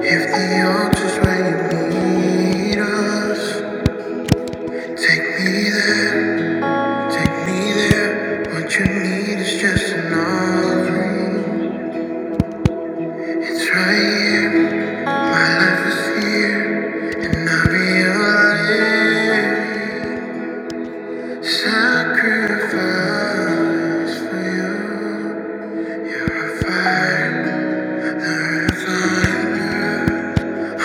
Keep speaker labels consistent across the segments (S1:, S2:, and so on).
S1: If the altar's where you need us, take me there, take me there. What you need is just enough room. It's right here, my life is here, and I realize sacrifice for you. You're a fire, the refiner.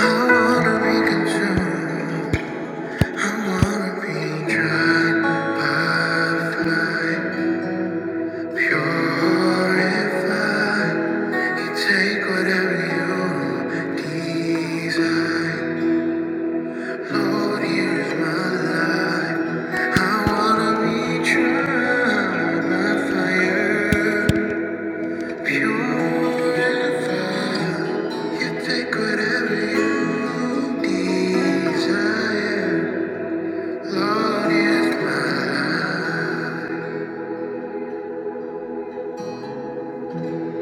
S1: I wanna be consumed. Purified, you take whatever you desire. Lord, here's my life. I wanna be tried by fire, purified. You take whatever you desire. Lord, here's my life.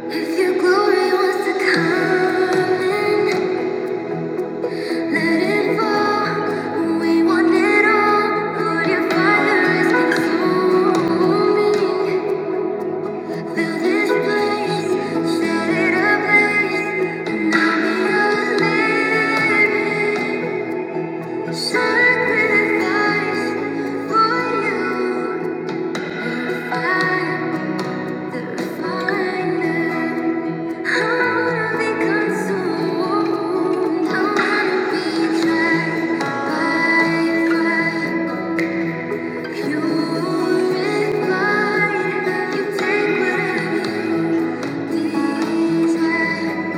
S1: If your glory was to come let it fall. We want it all. Lord, your fire is consuming. Fill this place, set it ablaze, and I'll be a living sacrifice for you. Fire, the refiner. Purified, you take whatever you desire.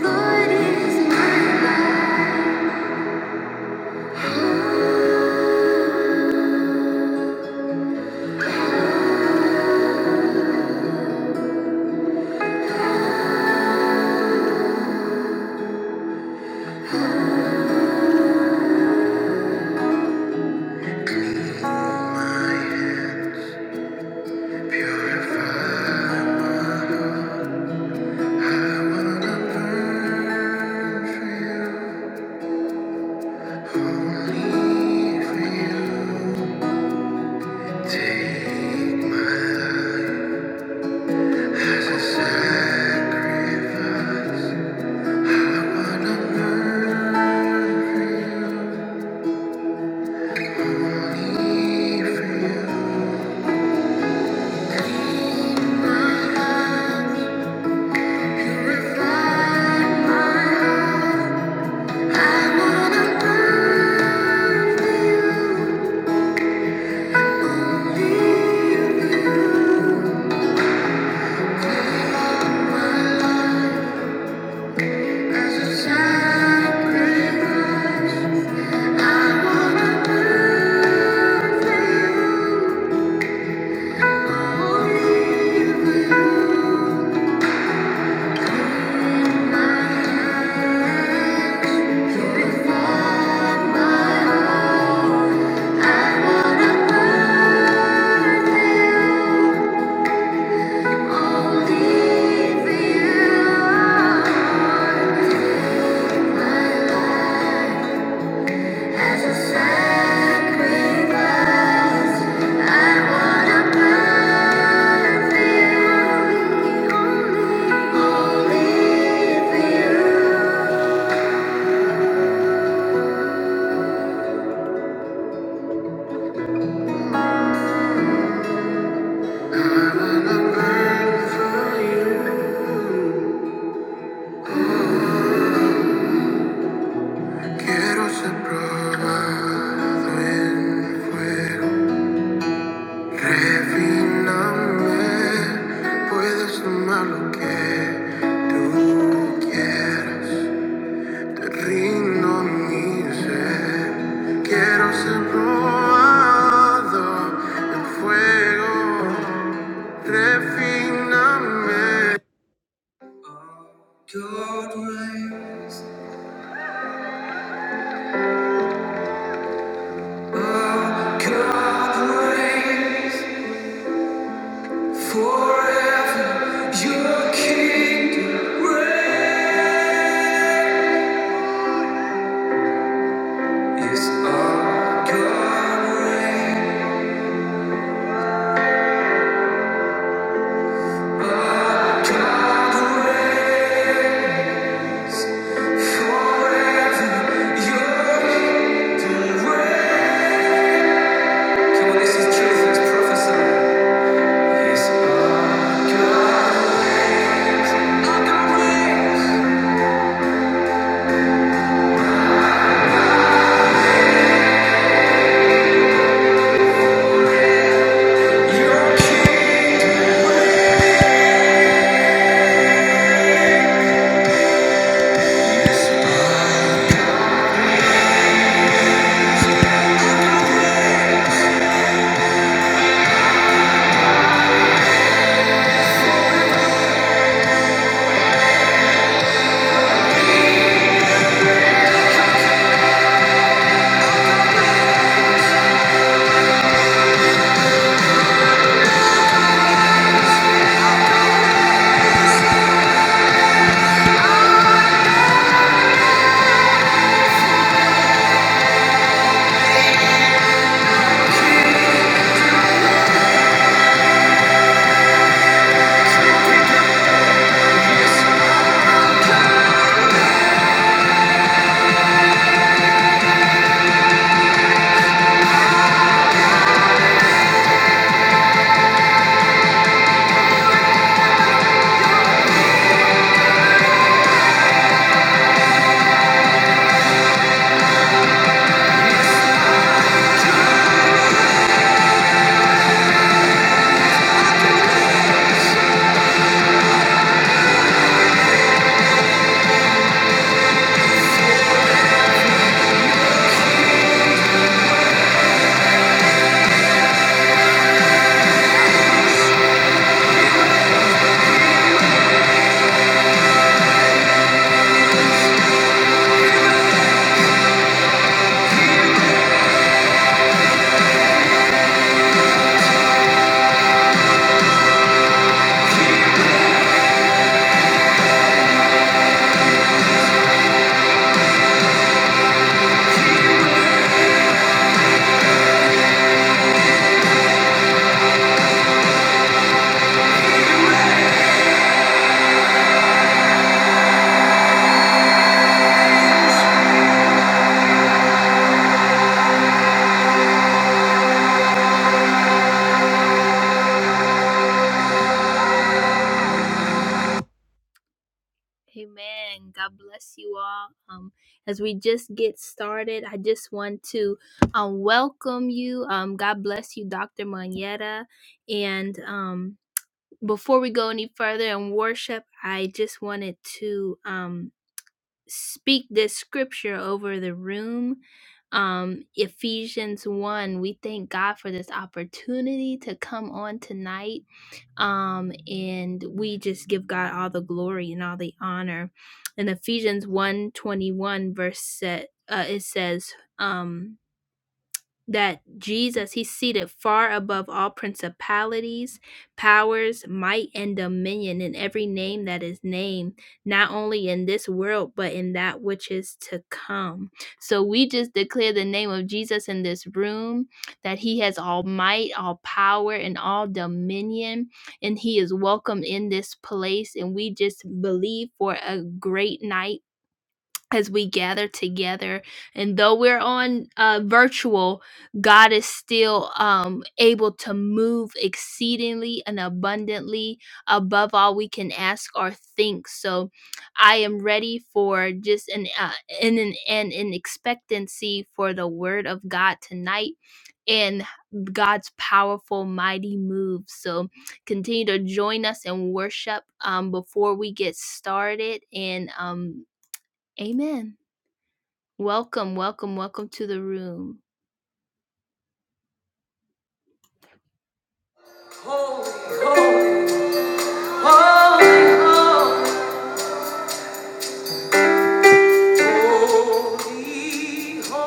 S1: Lord is my light. Thank you. Quiero ser probado en fuego. Refiname, puedes tomar lo que tú quieras. Te rindo mi ser. Quiero ser probado en fuego. Refiname. God reigns, God reigns forever. Your kingdom reigns. It's all God reign, all God reign forever. You're Come on, this is truth, let prophesy. It's all God reigns, all God reigns. you King.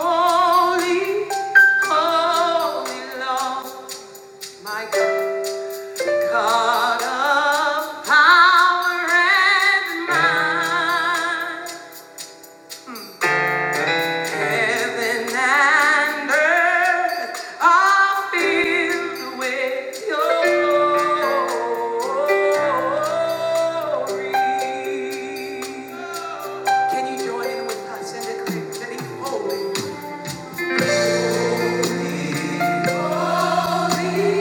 S1: Holy, holy, holy, holy, holy, holy Lord, my God. God of power and might, heaven and earth are filled with your glory. Can you join in with us and declare that He's holy? Holy,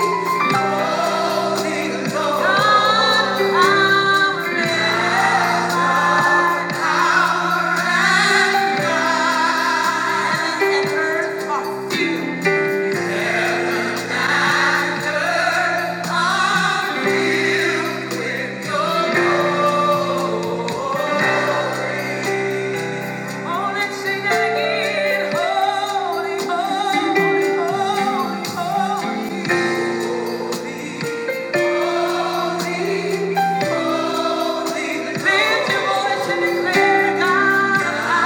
S1: God and earth are filled. Oh, let's sing again. Holy, holy, holy, holy, holy. Lift your voice and declare God.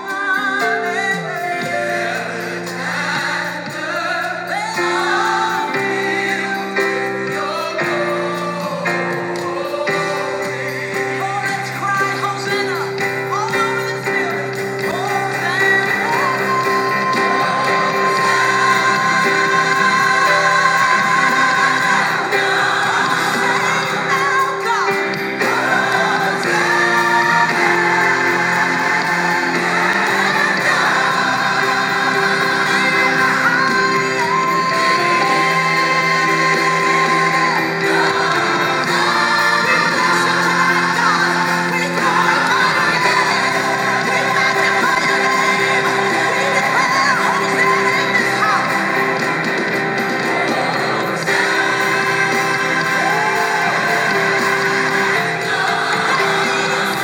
S1: Hallelujah. Oh, let's cry Hosanna all over this building. Hosanna, God.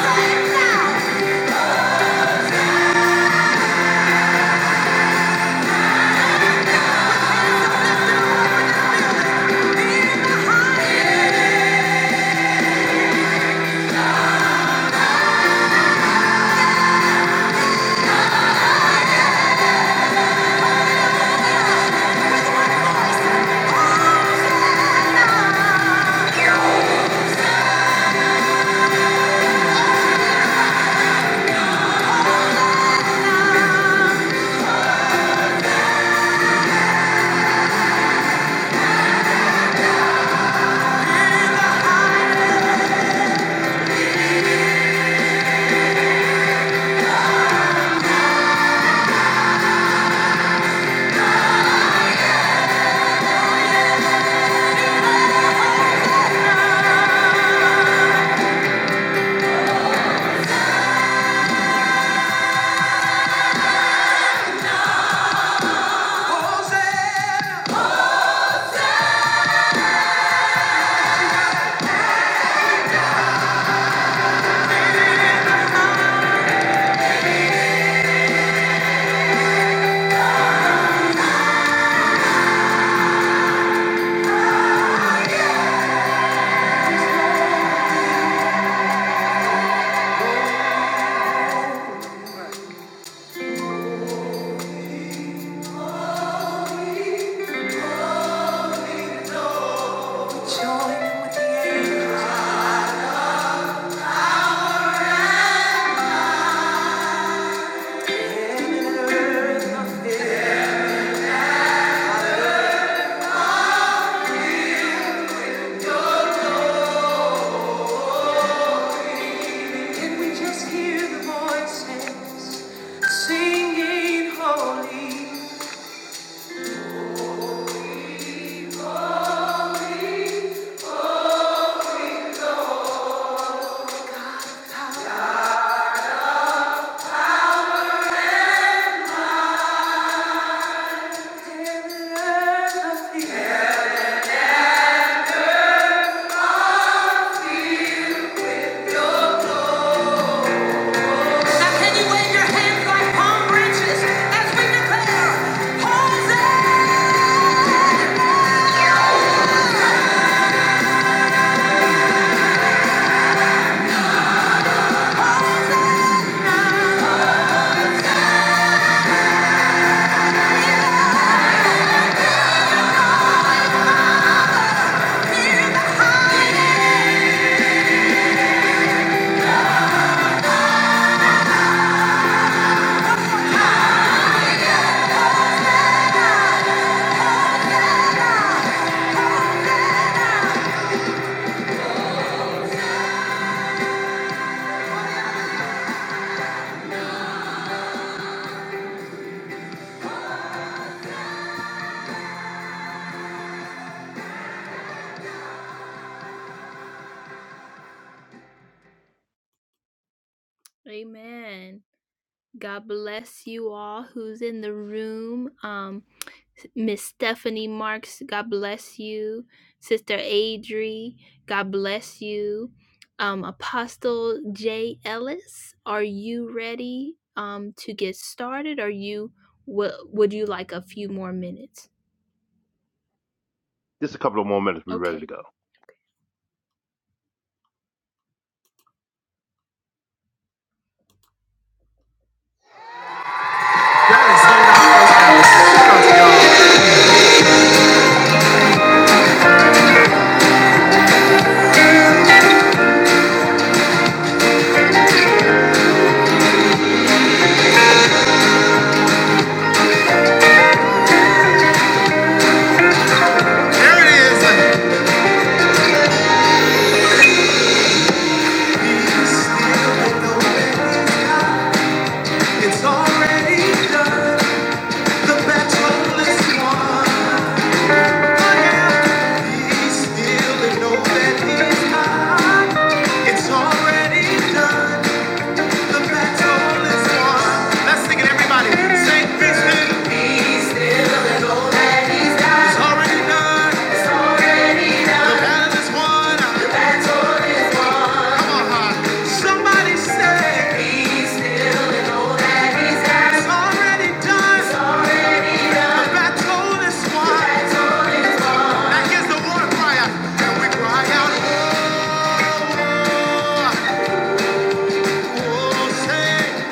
S1: Can we the voices singing holy?
S2: Just a couple of more minutes. We're ready to go.
S1: There it is. Be still and It's It's already done. The battle is won. Let's sing it, everybody. Say, peace be. that he's already done. It's already done. The battle is won. The battle is won. Come on, hon. Somebody say, peace be with that he's already done. It's already done. The battle is won. The the war cry And we cry out, war, war, war, say.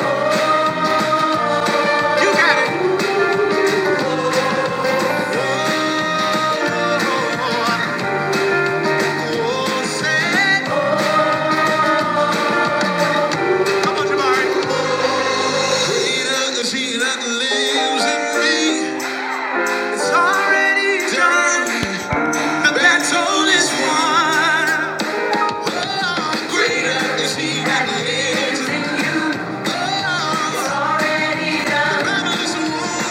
S1: You got it. Oh, say, greater is he that lives in me. It's already done. The battle is won. Oh, greater is he that lives in you. Oh, it's already done.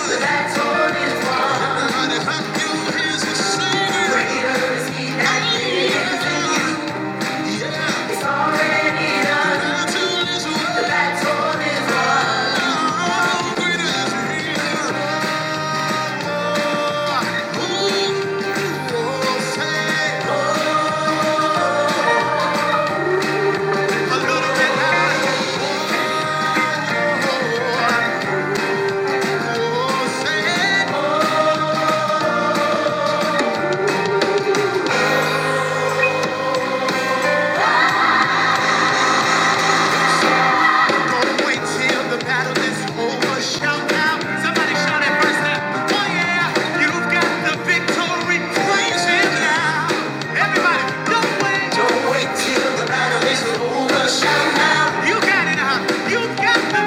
S1: The battle is won. The battle is won. It's already done. oh, a little bit louder.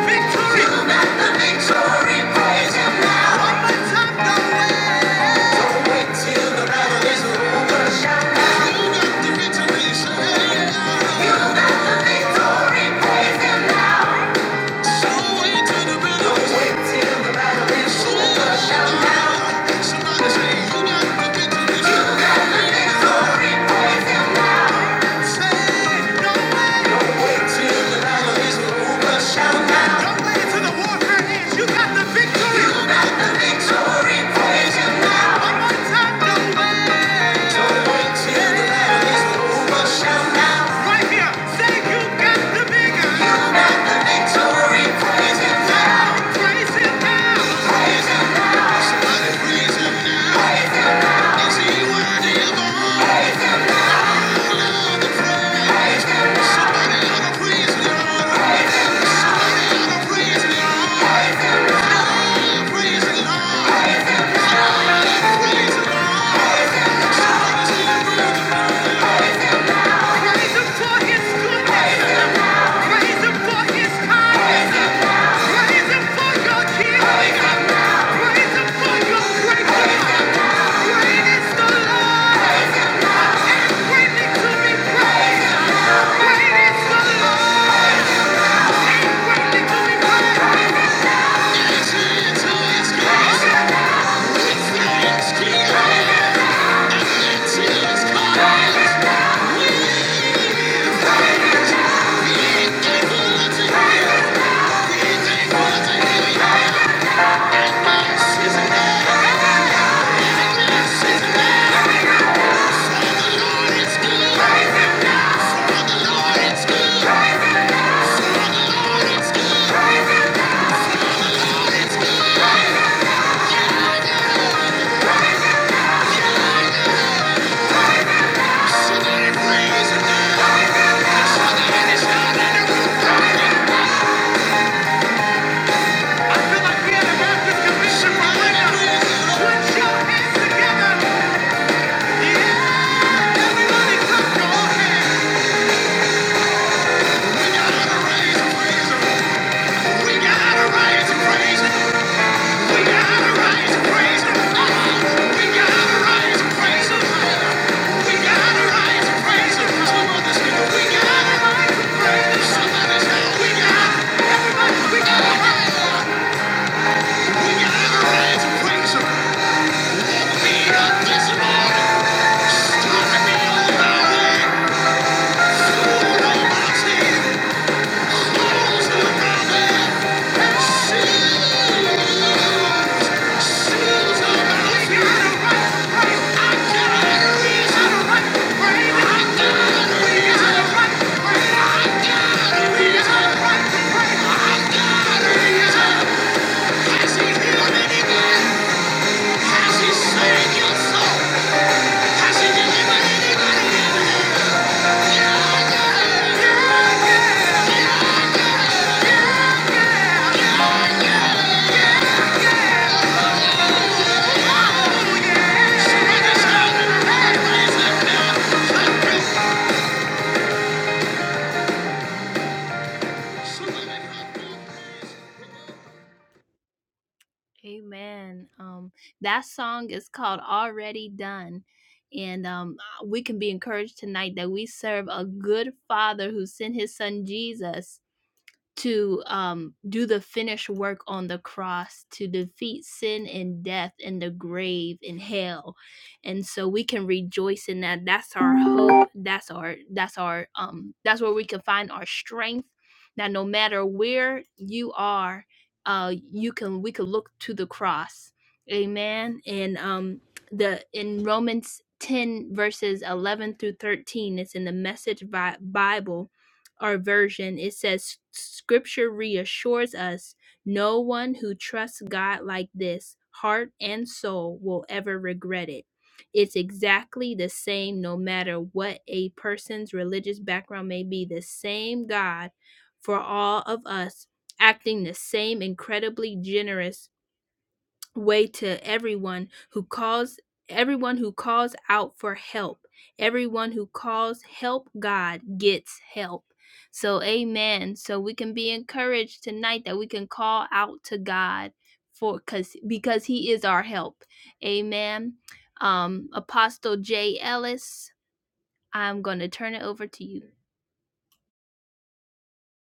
S1: Victory, praise Him now. Right here, say you got the bigger. Praise him now. Praise him for his goodness. Praise him for his kindness. Praise him for your healing. Praise him for your breakthrough. Great is the Lord and greatly to be praised. Great is the Lord and greatly to be praised. To his grace, says the Lord is good. Praise him now. For the Lord is good. Praise him now. For the Lord is good. Praise him now. We gotta raise, raise, raise. We gotta raise, raise. We got a right to praise Him. We got a right to praise Him. We got a right to praise Him. Come on, got right we got, everybody, we got a right. We got a right to praise Him. We got this morning. Stop me on my way. Fool Yeah. yeah, yeah. Thank you.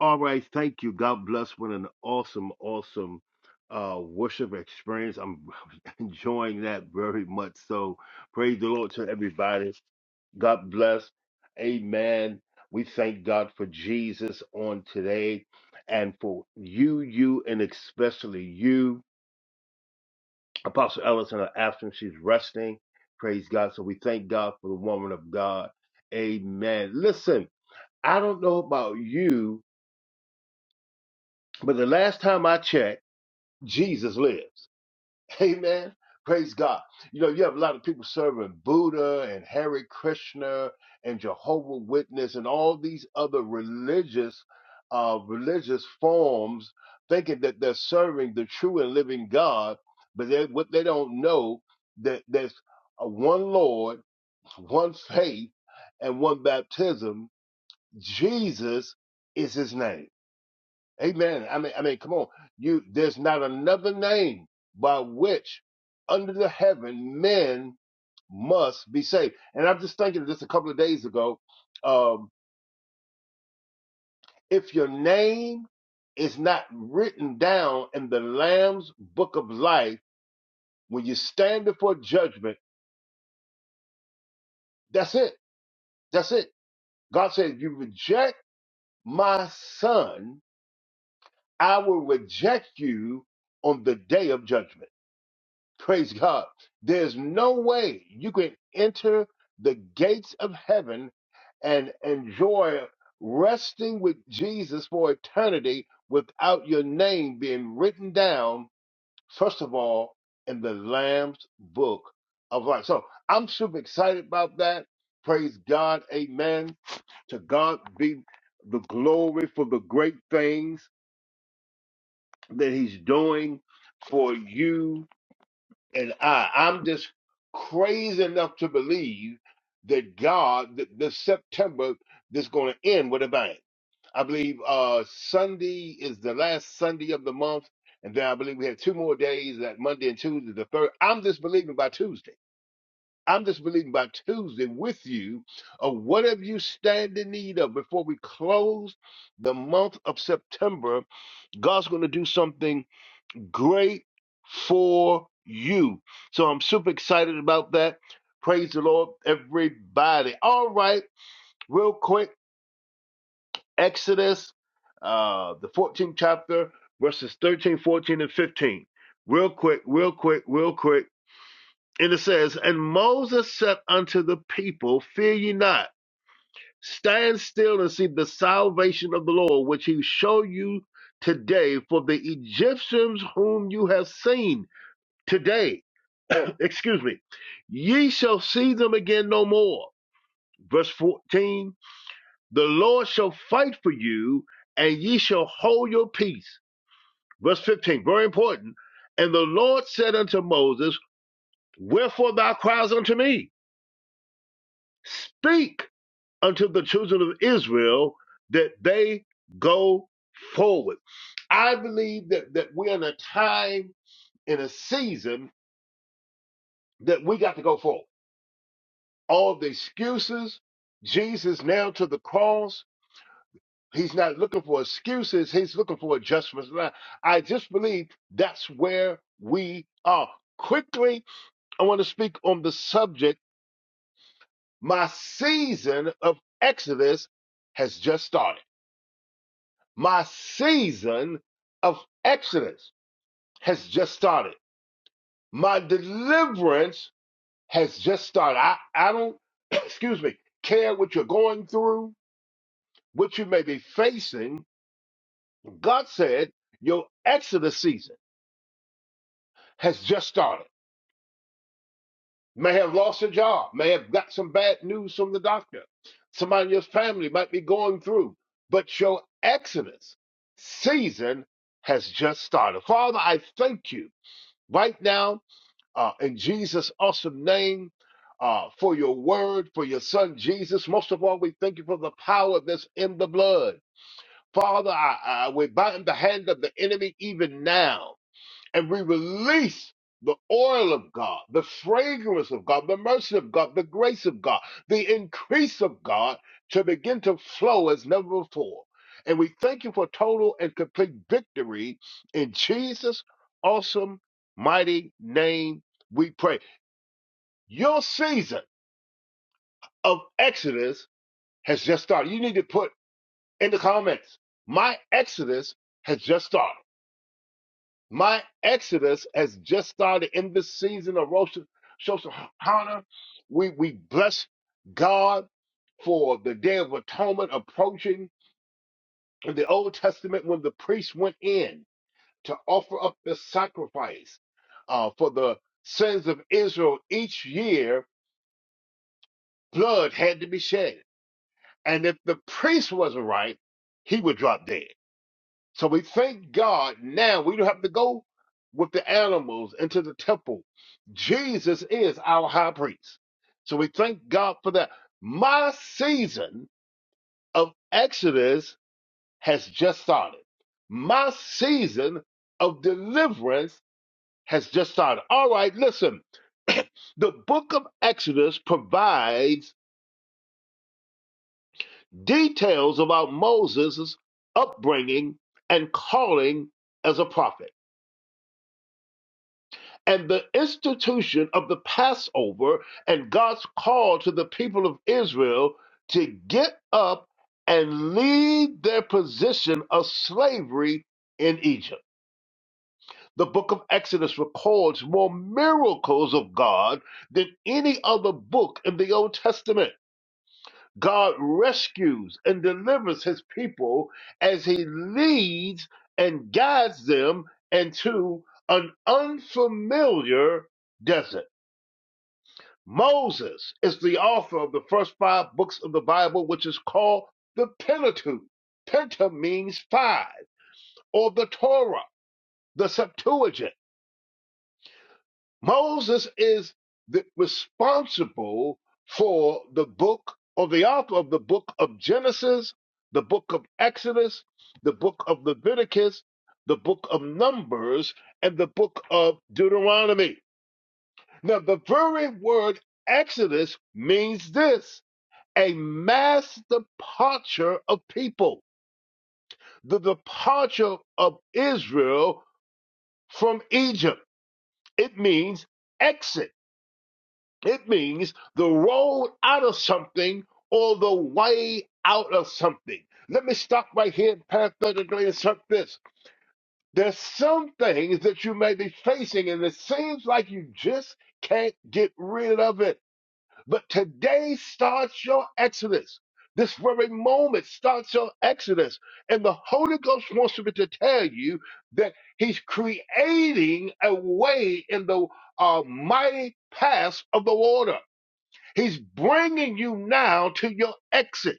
S2: All right, thank you. God bless. What an awesome, awesome uh, worship experience. I'm enjoying that very much. So praise the Lord to everybody. God bless. Amen. We thank God for Jesus on today and for you, you, and especially you. Apostle Ellis in her absence, she's resting. Praise God. So we thank God for the woman of God. Amen. Listen, I don't know about you, But the last time I checked, Jesus lives. Amen. Praise God. You know, you have a lot of people serving Buddha and Hare Krishna and Jehovah Witness and all these other religious uh religious forms thinking that they're serving the true and living God, but they what they don't know that there's a one Lord, one faith, and one baptism. Jesus is his name. Amen. I mean, I mean, come on. You there's not another name by which under the heaven men must be saved. And I'm just thinking just a couple of days ago, um, if your name is not written down in the Lamb's book of life when you stand before judgment, that's it. That's it. God said, You reject my son, I will reject you on the day of judgment. Praise God. There's no way you can enter the gates of heaven and enjoy resting with Jesus for eternity without your name being written down, first of all, in the Lamb's book of life. So I'm super excited about that. Praise God. Amen. To God be the glory for the great things that He's doing for you and I, I'm just crazy enough to believe that God, th- this September, this going to end with a bang. I believe uh, Sunday is the last Sunday of the month, and then I believe we have two more days, that Monday and Tuesday, the third. I'm just believing by Tuesday. I'm just believing by Tuesday with you of whatever you stand in need of before we close the month of September. God's going to do something great for you. So I'm super excited about that. Praise the Lord, everybody. All right, real quick Exodus, uh, the 14th chapter, verses 13, 14, and 15. Real quick, real quick, real quick. And it says, And Moses said unto the people, Fear ye not, stand still and see the salvation of the Lord, which he show you today. For the Egyptians whom you have seen, Today, excuse me, ye shall see them again no more. Verse 14, the Lord shall fight for you, and ye shall hold your peace. Verse 15, very important. And the Lord said unto Moses, Wherefore thou criest unto me? Speak unto the children of Israel that they go forward. I believe that, that we're in a time, in a season, that we got to go forward all of the excuses. Jesus now to the cross. He's not looking for excuses. He's looking for adjustments. And I I just believe that's where we are. Quickly, I want to speak on the subject. My season of Exodus has just started. My season of Exodus has just started. My deliverance has just started. I, I don't, excuse me, care what you're going through, what you may be facing God said your Exodus season has just started. May have lost a job, may have got some bad news from the doctor. Somebody in your family might be going through, but your Exodus season has just started. Father, I thank you right now uh, in Jesus' awesome name uh, for your word, for your son Jesus. Most of all, we thank you for the power that's in the blood. Father, I, I, we bind the hand of the enemy even now and we release the oil of God, the fragrance of God, the mercy of God, the grace of God, the increase of God to begin to flow as never before. And we thank you for total and complete victory in Jesus' awesome, mighty name. We pray. Your season of Exodus has just started. You need to put in the comments, my Exodus has just started. My exodus has just started in this season of Rosh Hashanah. We we bless God for the Day of Atonement approaching. In the Old Testament, when the priests went in to offer up the sacrifice uh, for the sins of Israel each year, blood had to be shed, and if the priest wasn't right, he would drop dead. So we thank God now we don't have to go with the animals into the temple. Jesus is our high priest. So we thank God for that. My season of Exodus has just started. My season of deliverance has just started. All right, listen. the book of Exodus provides details about Moses' upbringing and calling as a prophet. and the institution of the Passover and God's call to the people of Israel to get up and leave their position of slavery in Egypt. The book of Exodus records more miracles of God than any other book in the Old Testament. God rescues and delivers his people as he leads and guides them into an unfamiliar desert. Moses is the author of the first five books of the Bible, which is called the Pentateuch. Penta means five, or the Torah, the Septuagint. Moses is the, responsible for the book, or the author of the book of Genesis, the book of Exodus, the book of Leviticus, the book of Numbers, and the book of Deuteronomy. Now, the very word Exodus means this a mass departure of people, the departure of Israel from Egypt. It means exit, it means the road out of something or the way out of something. Let me stop right here and parenthetically insert this. There's some things that you may be facing, and it seems like you just can't get rid of it But today starts your exodus. This very moment starts your exodus. And the Holy Ghost wants me to tell you that He's creating a way in the uh, mighty paths of the water. He's bringing you now to your exit.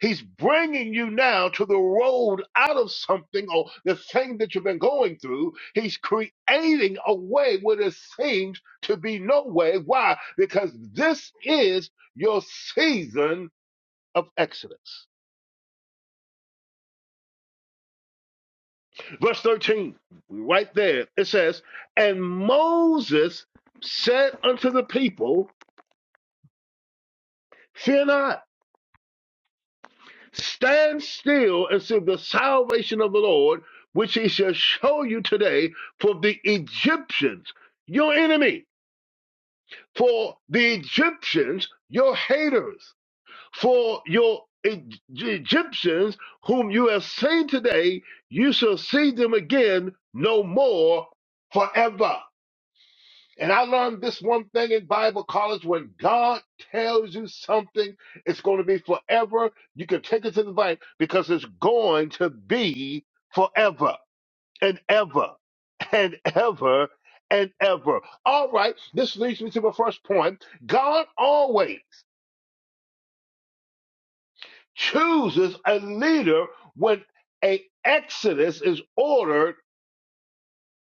S2: He's bringing you now to the road out of something or the thing that you've been going through. He's creating a way where there seems to be no way. Why? Because this is your season of Exodus. Verse 13, right there, it says, And Moses said unto the people, Fear not Stand still and see the salvation of the Lord, which he shall show you today. For the Egyptians, your enemy, for the Egyptians, your haters, for your E- Egyptians, whom you have seen today, you shall see them again no more forever. And I learned this one thing in Bible college when God tells you something, it's going to be forever. You can take it to the bank because it's going to be forever and ever and ever and ever. All right, this leads me to my first point. God always chooses a leader when a exodus is ordered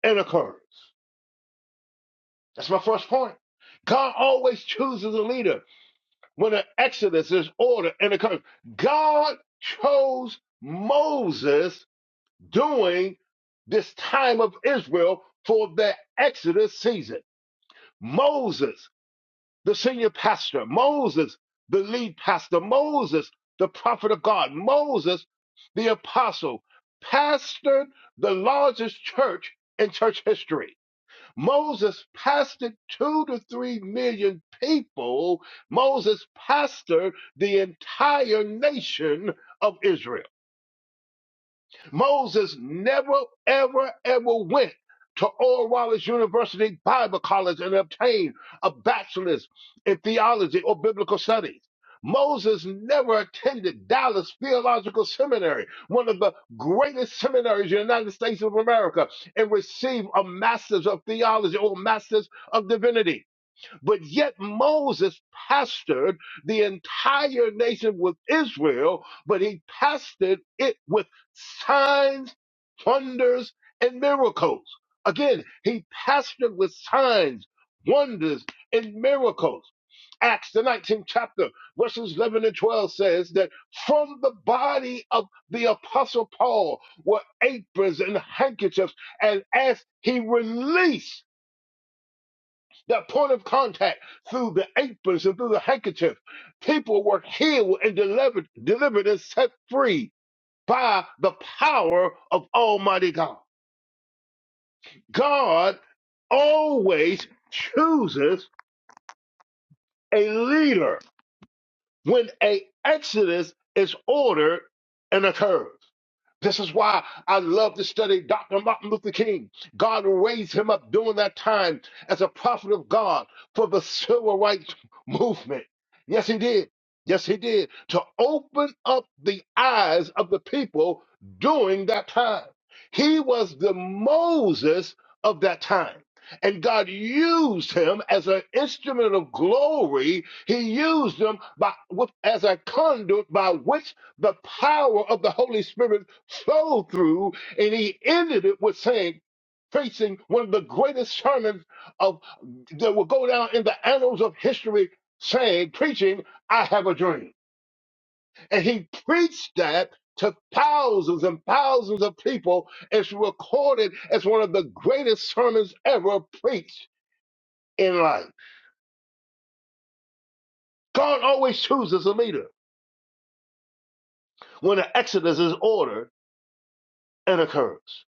S2: and occurs. That's my first point. God always chooses a leader When the Exodus is ordered and the curse, God chose Moses during this time of Israel for the Exodus season. Moses, the senior pastor, Moses, the lead pastor, Moses, the prophet of God, Moses, the apostle, pastored the largest church in church history. Moses pastored two to three million people. Moses pastored the entire nation of Israel. Moses never, ever, ever went to Oral Roberts University Bible College and obtained a bachelor's in theology or biblical studies. Moses never attended Dallas Theological Seminary, one of the greatest seminaries in the United States of America, and received a master's of theology or master's of divinity. But yet Moses pastored the entire nation with Israel, but he pastored it with signs, wonders, and miracles. Again, he pastored with signs, wonders, and miracles. Acts, the 19th chapter, verses 11 and 12 says that from the body of the apostle Paul were aprons and handkerchiefs, and as he released that point of contact through the aprons and through the handkerchief. People were healed and delivered, delivered and set free by the power of Almighty God. God always chooses a leader when a exodus is ordered and occurs. This is why I love to study Dr. Martin Luther King. God raised him up during that time as a prophet of God for the civil rights movement. Yes, he did. Yes, he did. To open up the eyes of the people during that time. He was the Moses of that time. And God used him as an instrument of glory. He used him by, with- as a conduit by which the power of the Holy Spirit flowed through, and he ended it with saying, facing one of the greatest sermons of that will go down in the annals of history, saying, preaching, I have a dream. And he preached that to thousands and thousands of people. It's recorded as one of the greatest sermons ever preached in life. God always chooses a leader. When an exodus is ordered, and occurs.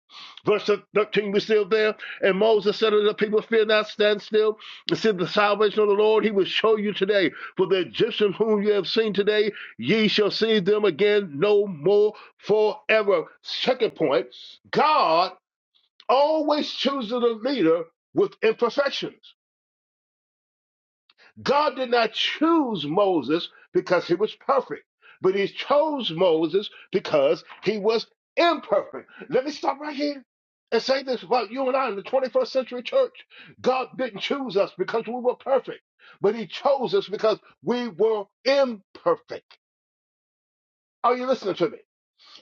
S2: Verse 13, we are still there. And Moses said to the people, Fear not, stand still, and see the salvation of the Lord. He will show you today. For the Egyptians whom you have seen today, ye shall see them again no more forever. Second point, God always chooses a leader with imperfections. God did not choose Moses because he was perfect, but he chose Moses because he was imperfect. Let me stop right here and say this about you and I in the 21st century church. God didn't choose us because we were perfect, but he chose us because we were imperfect. Are you listening to me?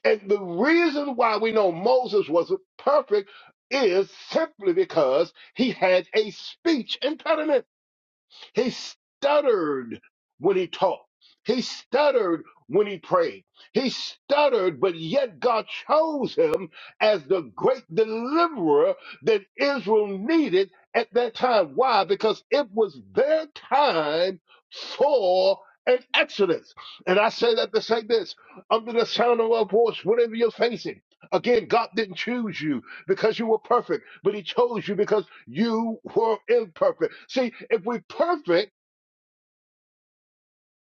S2: And the reason why we know Moses wasn't perfect is simply because he had a speech impediment. He stuttered when he talked. He stuttered when he prayed. He stuttered, but yet God chose him as the great deliverer that Israel needed at that time. Why? Because it was their time for an exodus. And I say that to say this under the sound of our voice, whatever you're facing. Again, God didn't choose you because you were perfect, but he chose you because you were imperfect. See, if we're perfect,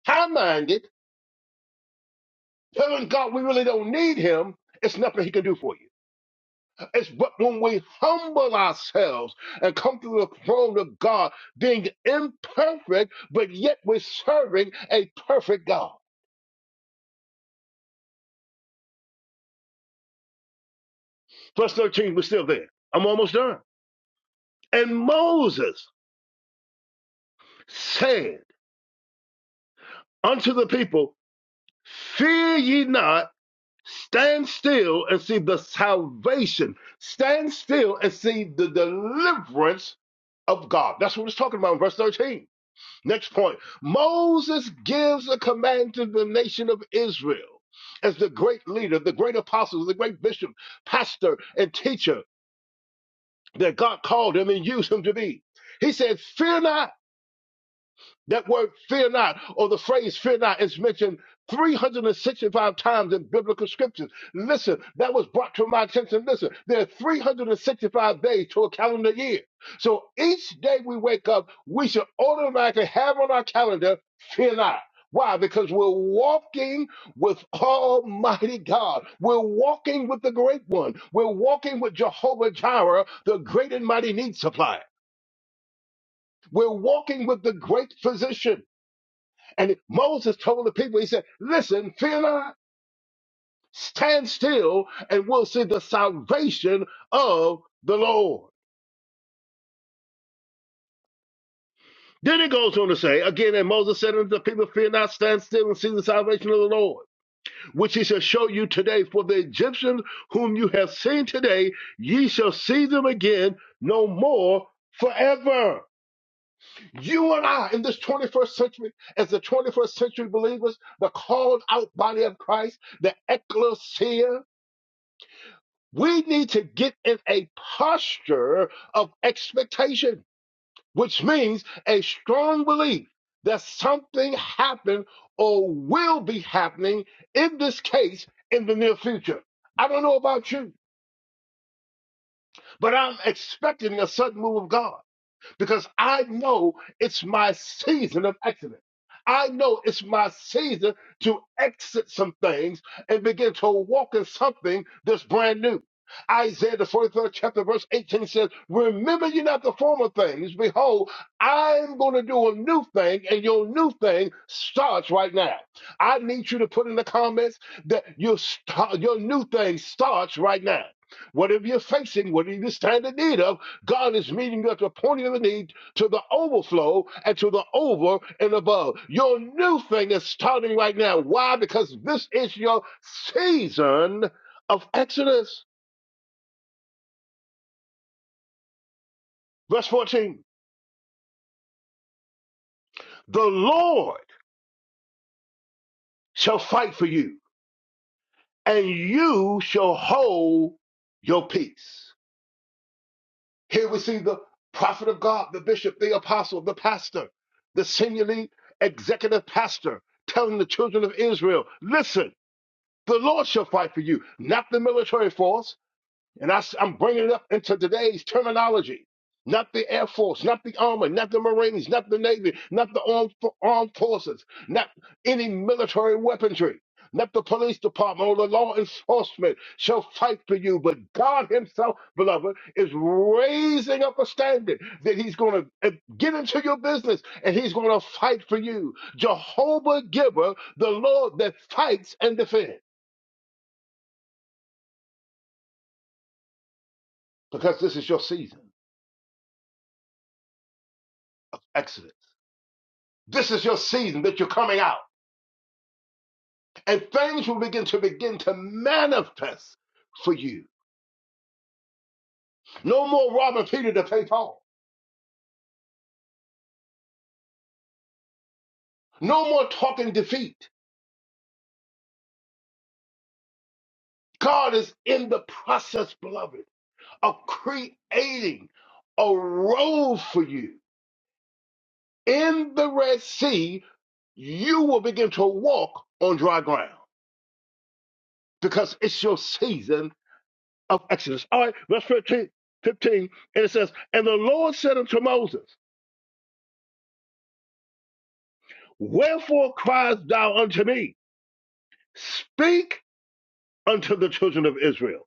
S2: high minded, telling God we really don't need him, it's nothing he can do for you. It's but when we humble ourselves and come to the throne of God, being imperfect, but yet we're serving a perfect God. Verse 13, we're still there. I'm almost done. And Moses said unto the people, Fear ye not Stand still and see the salvation. Stand still and see the deliverance of God. That's what it's talking about in verse 13. Next point Moses gives a command to the nation of Israel as the great leader, the great apostle, the great bishop, pastor, and teacher that God called him and used him to be. He said, Fear not. That word fear not, or the phrase fear not, is mentioned 365 times in biblical scriptures. Listen, that was brought to my attention. Listen, there are 365 days to a calendar year. So each day we wake up, we should automatically have on our calendar, fear not. Why? Because we're walking with Almighty God. We're walking with the Great One. We're walking with Jehovah Jireh, the great and mighty need supplier. We're walking with the great physician. And Moses told the people, he said, Listen, fear not, stand still, and we'll see the salvation of the Lord. Then he goes on to say, again, and Moses said unto the people, Fear not, stand still and see the salvation of the Lord, which he shall show you today. For the Egyptians whom you have seen today, ye shall see them again no more forever. You and I in this 21st century, as the 21st century believers, the called out body of Christ, the ecclesia, We need to get in a posture of expectation, which means a strong belief that something happened or will be happening in this case in the near future. I don't know about you, but I'm expecting a sudden move of God because I know it's my season of exiting. I know it's my season to exit some things and begin to walk in something that's brand new. Isaiah the 43rd chapter verse 18 says, Remember you not the former things. Behold, I'm going to do a new thing and your new thing starts right now. I need you to put in the comments that your, st- your new thing starts right now. Whatever you're facing, whatever you stand in need of, God is meeting you at the point of the need to the overflow and to the over and above. Your new thing is starting right now. Why? Because this is your season of Exodus. Verse 14 The Lord shall fight for you, and you shall hold your peace. Here we see the prophet of God, the bishop, the apostle, the pastor, the senior lead, executive pastor telling the children of Israel listen The Lord shall fight for you, not the military force. And I, am bringing it up into today's terminology. Not the Air Force, not the Army, not the Marines, not the Navy, not the armed, armed forces, not any military weaponry, not the police department or the law enforcement shall fight for you. But God Himself, beloved, is raising up a standard that He's going to eh, get into your business and He's going to fight for you. Jehovah Giver, the Lord that fights and defends. because this is your season of exodus. This is your season that you're coming out, and things will begin to begin to manifest for you. No more robbing Peter to pay Paul. No more talking defeat. God is in the process, beloved, of creating a road for you in the Red Sea. You will begin to walk on dry ground because it's your season of Exodus. All right, verse 15, 15, And it says, And the Lord said unto Moses, Wherefore criest thou unto me? Speak unto the children of Israel.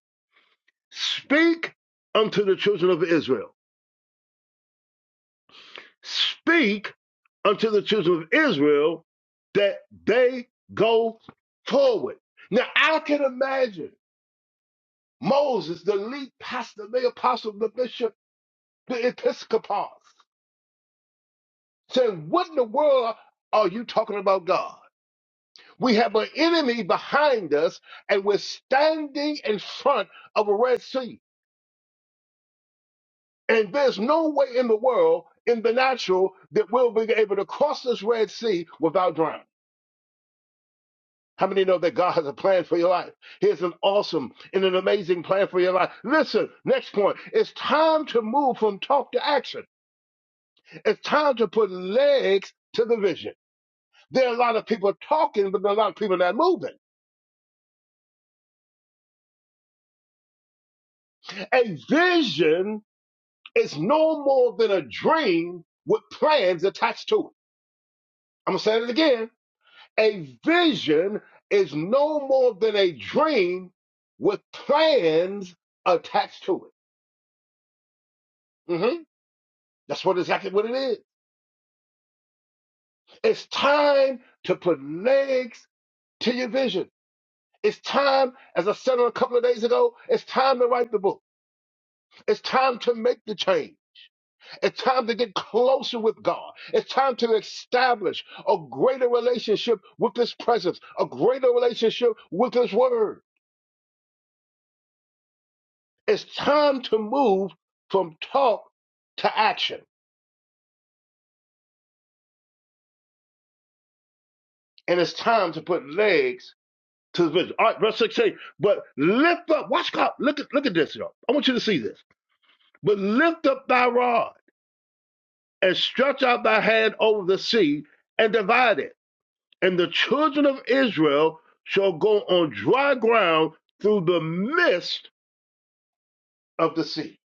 S2: Speak unto the children of Israel. Speak unto the children of Israel that they go forward. Now, I can imagine Moses, the lead pastor, the apostle, the bishop, the episcopos, saying, What in the world are you talking about, God? We have an enemy behind us, and we're standing in front of a Red Sea. And there's no way in the world, in the natural, that we'll be able to cross this Red Sea without drowning. How many know that God has a plan for your life? He has an awesome and an amazing plan for your life. Listen, next point. It's time to move from talk to action. It's time to put legs to the vision. There are a lot of people talking, but there are a lot of people not moving. A vision It's no more than a dream with plans attached to it. I'm going to say it again. A vision is no more than a dream with plans attached to it. hmm That's what exactly what it is. It's time to put legs to your vision. It's time, as I said a couple of days ago, it's time to write the book. It's time to make the change. It's time to get closer with God. It's time to establish a greater relationship with His presence, a greater relationship with His Word. It's time to move from talk to action. And it's time to put legs to the vision. All right, verse 16. But lift up, watch God. Look at look at this, y'all. I want you to see this. But lift up thy rod and stretch out thy hand over the sea and divide it and the children of Israel shall go on dry ground through the midst of the sea.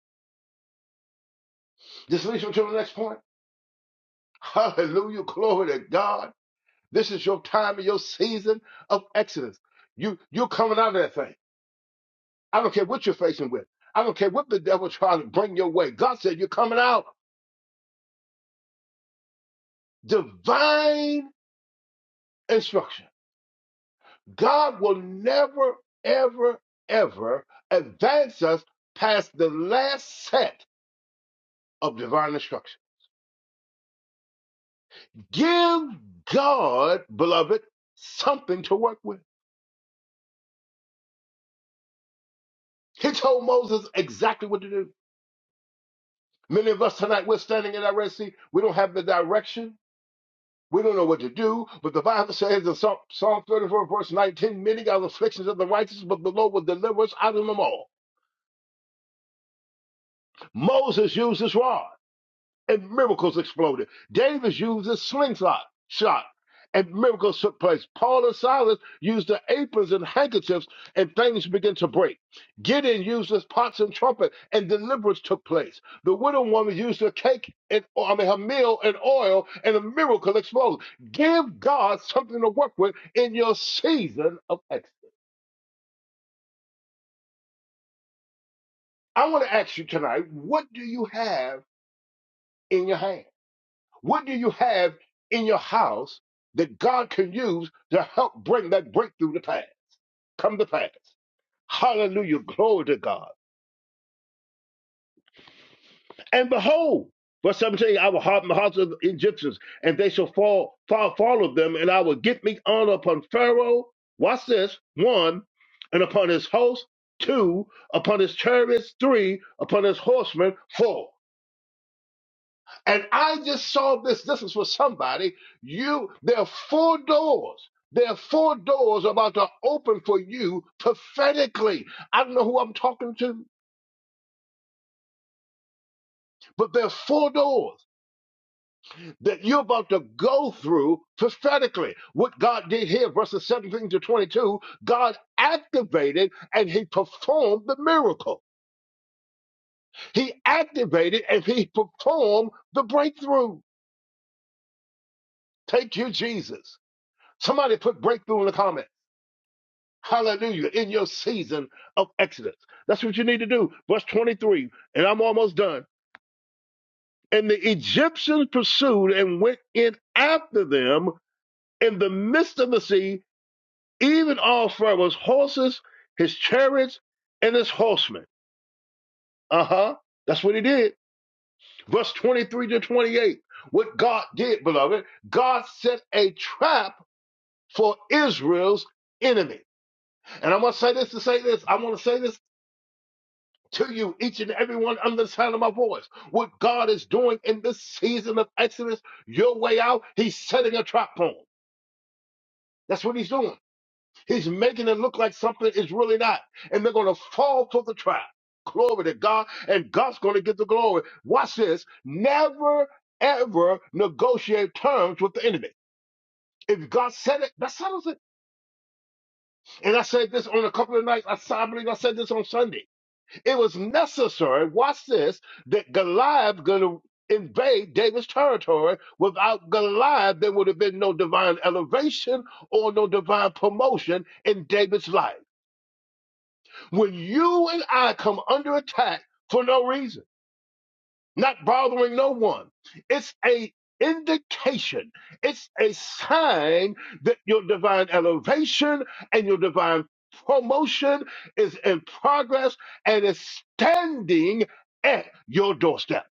S2: This leads you to the next point. Hallelujah. Glory to God. This is your time and your season of Exodus. You, you're coming out of that thing. I don't care what you're facing with. I don't care what the devil tries to bring your way. God said you're coming out. Divine instruction. God will never, ever, ever advance us past the last set of divine instruction. Give God, beloved, something to work with. He told Moses exactly what to do. Many of us tonight, we're standing in our Red Sea. We don't have the direction. We don't know what to do. But the Bible says in Psalm Psalm 34, verse 19, many are the afflictions of the righteous, but the Lord will deliver us out of them all. Moses used his rod. and miracles exploded. David used a slingshot shot and miracles took place. Paul and Silas used the aprons and handkerchiefs and things began to break. Gideon used his pots and trumpet and deliverance took place. The widow woman used her cake and I mean her meal and oil and a miracle exploded. Give God something to work with in your season of excellence. I want to ask you tonight, what do you have in your hand? What do you have in your house that God can use to help bring that breakthrough to pass? Come to pass. Hallelujah. Glory to God. And behold, verse seventeen. I will harden the hearts of the Egyptians, and they shall fall, fall, follow them, and I will get me honor upon Pharaoh. Watch this. One, and upon his host. Two, upon his chariots. Three, upon his horsemen. Four. And I just saw this. This is for somebody. You, there are four doors. There are four doors about to open for you prophetically. I don't know who I'm talking to, but there are four doors that you're about to go through prophetically. What God did here, verses 17 to 22, God activated and he performed the miracle. He activated and he performed the breakthrough. Thank you, Jesus. Somebody put breakthrough in the comments. Hallelujah. In your season of Exodus. That's what you need to do. Verse 23, and I'm almost done. And the Egyptians pursued and went in after them in the midst of the sea, even all Pharaoh's horses, his chariots, and his horsemen. Uh huh. That's what he did. Verse 23 to 28. What God did, beloved, God set a trap for Israel's enemy. And I'm going to say this to say this. I want to say this to you, each and every one under the sound of my voice. What God is doing in this season of Exodus, your way out, He's setting a trap for 'em. That's what He's doing. He's making it look like something is really not. And they're going to fall for the trap. Glory to God. And God's going to get the glory. Watch this. Never, ever negotiate terms with the enemy. If God said it, that settles it. And I said this on a couple of nights. I, I believe I said this on Sunday. It was necessary, watch this, that Goliath gonna invade David's territory. Without Goliath, there would have been no divine elevation or no divine promotion in David's life. When you and I come under attack for no reason, not bothering no one. It's a indication. It's a sign that your divine elevation and your divine promotion is in progress and is standing at your doorstep.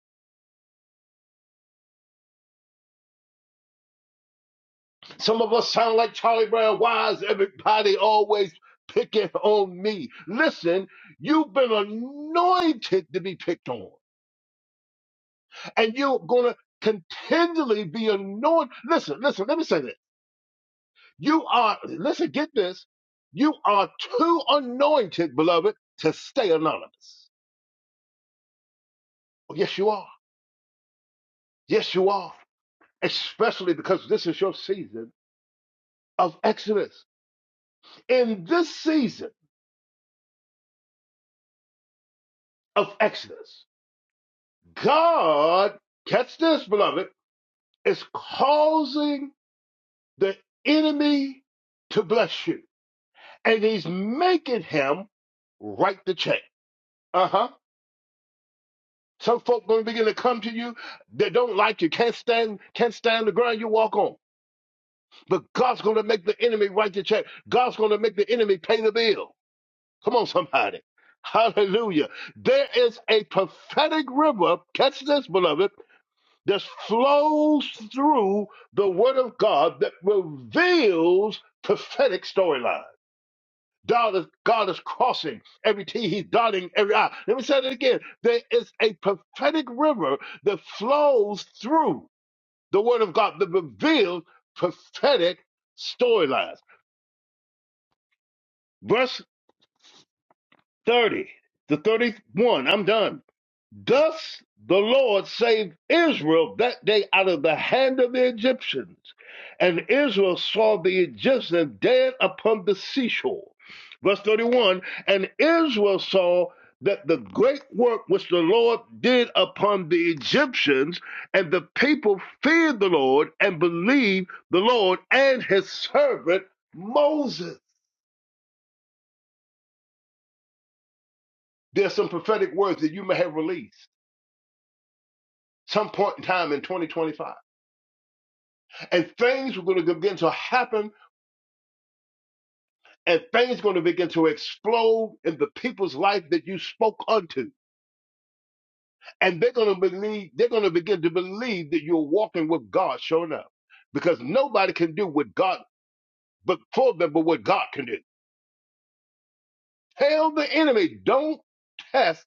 S2: Some of us sound like Charlie Brown. Why is everybody always picking on me? Listen, you've been anointed to be picked on, and you're going to continually be anointed. Listen, listen, let me say this. You are, listen, get this. You are too anointed, beloved, to stay anonymous. Oh, yes, you are. Yes, you are. Especially because this is your season of Exodus. In this season of Exodus, God, catch this, beloved, is causing the enemy to bless you. And he's making him write the check. Uh huh Some folk gonna begin to come to you that don't like you, can't stand, can't stand the ground you walk on. But God's gonna make the enemy write the check. God's gonna make the enemy pay the bill. Come on, somebody. Hallelujah. There is a prophetic river, catch this, beloved, that flows through the word of God that reveals prophetic storylines. God is, God is crossing every T, He's dotting every I. Let me say that again. There is a prophetic river that flows through the Word of God that reveals prophetic storylines. Verse 30 to 31, I'm done. Thus the Lord saved Israel that day out of the hand of the Egyptians. And Israel saw the Egyptians dead upon the seashore. Verse 31 And Israel saw that the great work which the Lord did upon the Egyptians, and the people feared the Lord and believed the Lord and his servant Moses. There's some prophetic words that you may have released some point in time in 2025 and things were going to begin to happen and things going to begin to explode in the people's life that you spoke unto and they're going to believe they're going to begin to believe that you're walking with god showing up because nobody can do what god but for them but what god can do tell the enemy don't test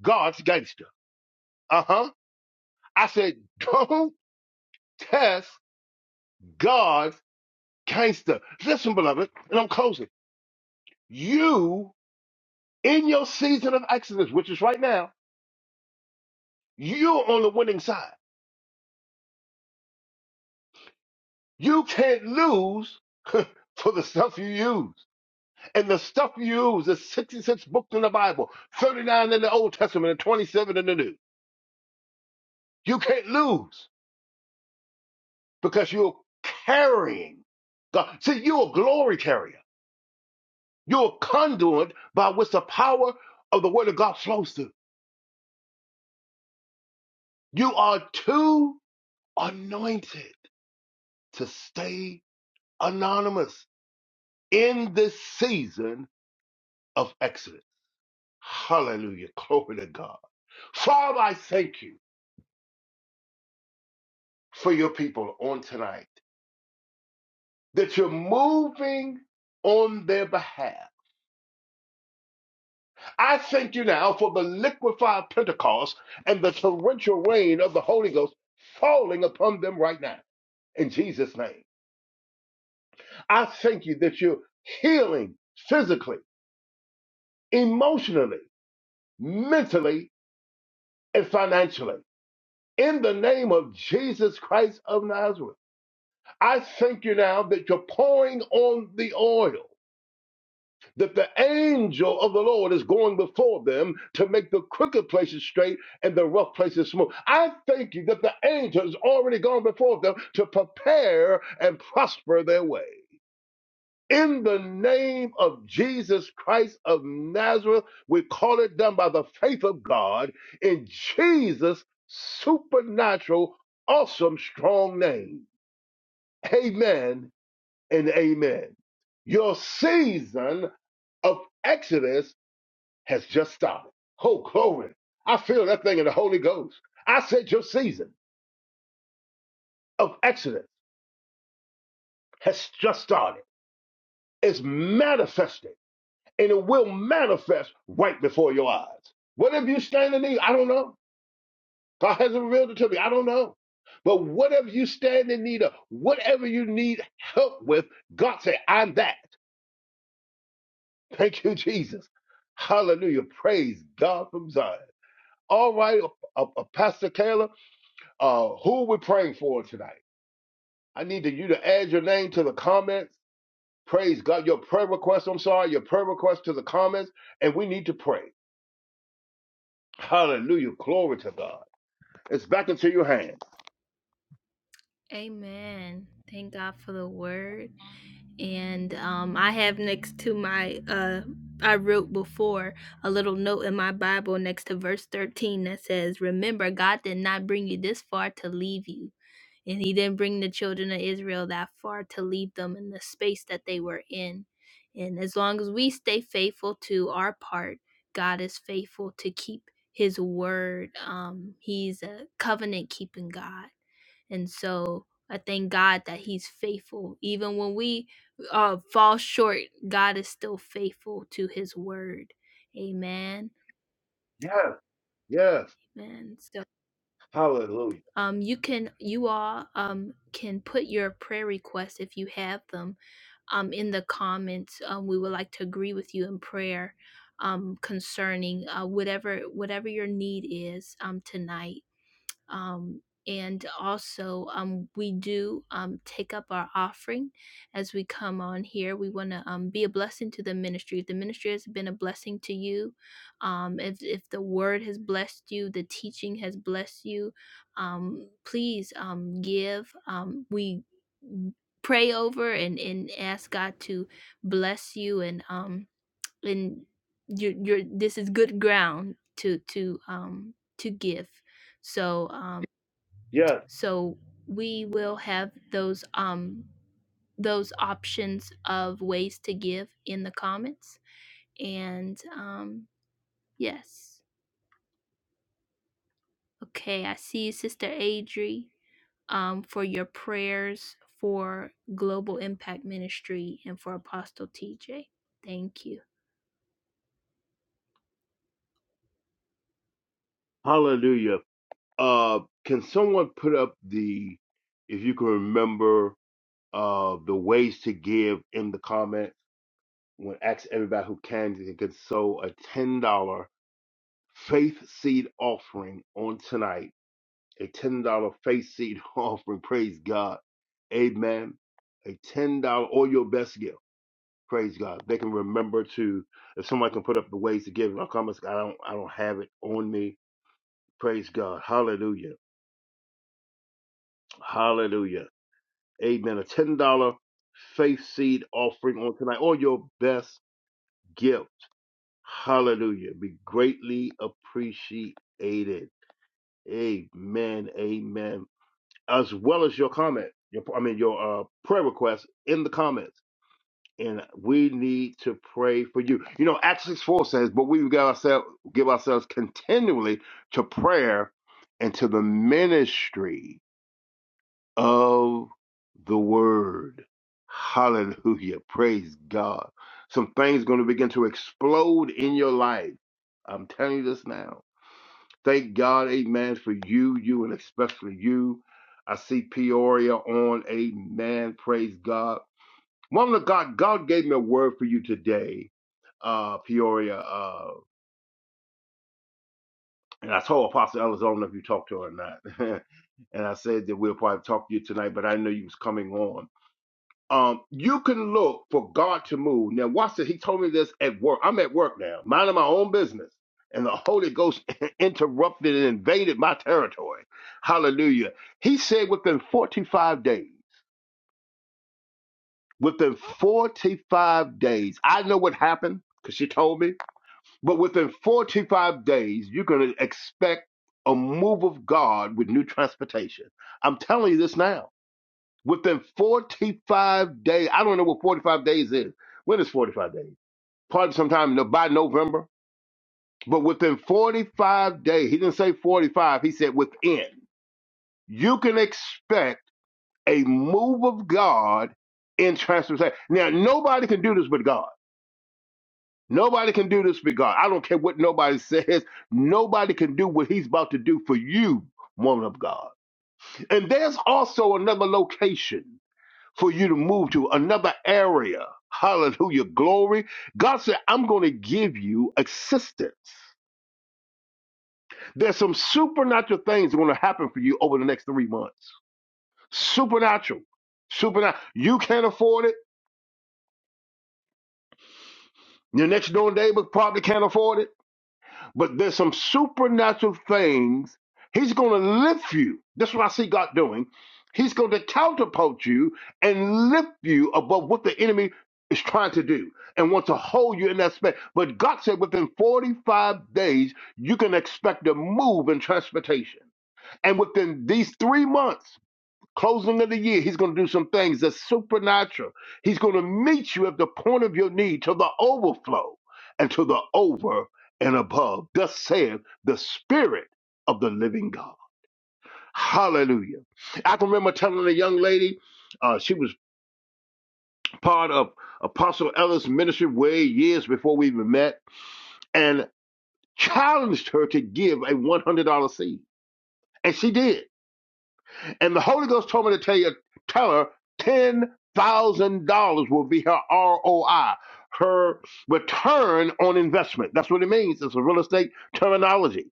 S2: god's gangster uh-huh i said don't test god's gangster listen beloved and i'm closing you in your season of exodus which is right now You're on the winning side. You can't lose for the stuff you use. And the stuff you use is 66 books in the Bible, 39 in the Old Testament, and 27 in the New. You can't lose because you're carrying God. See, you're a glory carrier. You're a conduit by which the power of the Word of God flows through. You are too anointed to stay anonymous in this season of exodus. Hallelujah. Glory to God. Father, I thank you for your people on tonight that you're moving on their behalf. I thank you now for the liquefied Pentecost and the torrential rain of the Holy Ghost falling upon them right now in Jesus' name. I thank you that you're healing physically, emotionally, mentally, and financially in the name of Jesus Christ of Nazareth. I thank you now that you're pouring on the oil, that the angel of the Lord is going before them to make the crooked places straight and the rough places smooth. I thank you that the angel has already gone before them to prepare and prosper their way. In the name of Jesus Christ of Nazareth, we call it done by the faith of God in Jesus' supernatural, awesome, strong name. Amen and amen. Your season of Exodus has just started. Oh, glory. I feel that thing in the Holy Ghost. I said your season of Exodus has just started. It's manifested, and it will manifest right before your eyes. Whatever you stand in need, I don't know. God hasn't revealed it to me. I don't know. But whatever you stand in need of, whatever you need help with, God said, I'm that. Thank you, Jesus. Hallelujah. Praise God from Zion. All right, uh, uh, uh, Pastor Kayla, uh, who we praying for tonight? I need to, you to add your name to the comments. Praise God. Your prayer request, I'm sorry, your prayer request to the comments, and we need to pray. Hallelujah. Glory to God. It's back into your hands. Yes, yes. Hallelujah. Yes. Hallelujah. Uh, can someone put up the, if you can remember, uh, the ways to give in the comments? When ask everybody who can, they can sow a ten dollar faith seed offering on tonight. A $10 faith seed offering. Praise God. Amen. A $10 or your best gift. Praise God. They can remember to, if somebody can put up the ways to give in our comments, I don't, I don't have it on me. Praise God. Hallelujah. Hallelujah. Amen. A $10 faith seed offering on tonight or your best gift. Hallelujah. Be greatly appreciated. Amen. Amen. as well as your comment, your I mean your uh, prayer request in the comments. And we need to pray for you. You know, Acts 6 4 says, but we got ourselves give ourselves continually to prayer and to the ministry of the word. Hallelujah. Praise God. Some things gonna begin to explode in your life. I'm telling you this now Thank God, amen, for you, you, and especially you. I see Peoria on, amen. Praise God. Woman of God, God gave me a word for you today, uh, Peoria. Uh, and I told Apostle Ellis, I don't know if you talked to her or not. and I said that we'll probably talk to you tonight, but I know you was coming on. Um, you can look for God to move. Now, watch this. He told me this at work. I'm at work now, minding my own business. And the Holy Ghost interrupted and invaded my territory. Hallelujah. He said within 45 days, within 45 days, I know what happened because she told me, but within 45 days, you're going to expect a move of God with new transportation. I'm telling you this now. Within 45 days, I don't know what 45 days is. When is 45 days? Probably sometime no- by November. But within 45 days, he didn't say 45, he said within. You can expect a move of God in transformation. Now, nobody can do this but God. Nobody can do this but God. I don't care what nobody says. Nobody can do what he's about to do for you, woman of God. And there's also another location. for you to move to another area. Hallelujah. Glory. God said, I'm going to give you assistance. There's some supernatural things going to happen for you over the next three months. Supernatural. Supernatural. You can't afford it. Your next door neighbor probably can't afford it. But there's some supernatural things. He's going to lift you. That's what I see God doing. He's going to counterpoint you and lift you above what the enemy is trying to do and wants to hold you in that space. But God said within 45 days, you can expect a move in transportation. And within these three months, Closing of the year, he's going to do some things that's supernatural. He's going to meet you at the point of your need to the overflow and to the over and above. Thus saith the Spirit of the living God. Hallelujah. I can remember telling a young lady, uh, she was part of Apostle Ellis' ministry way years before we even met, and challenged her to give a $100 seed. And she did. And the Holy Ghost told me to tell you, tell her ten thousand dollars will be her ROI, her return on investment. That's what it means. It's a real estate terminology.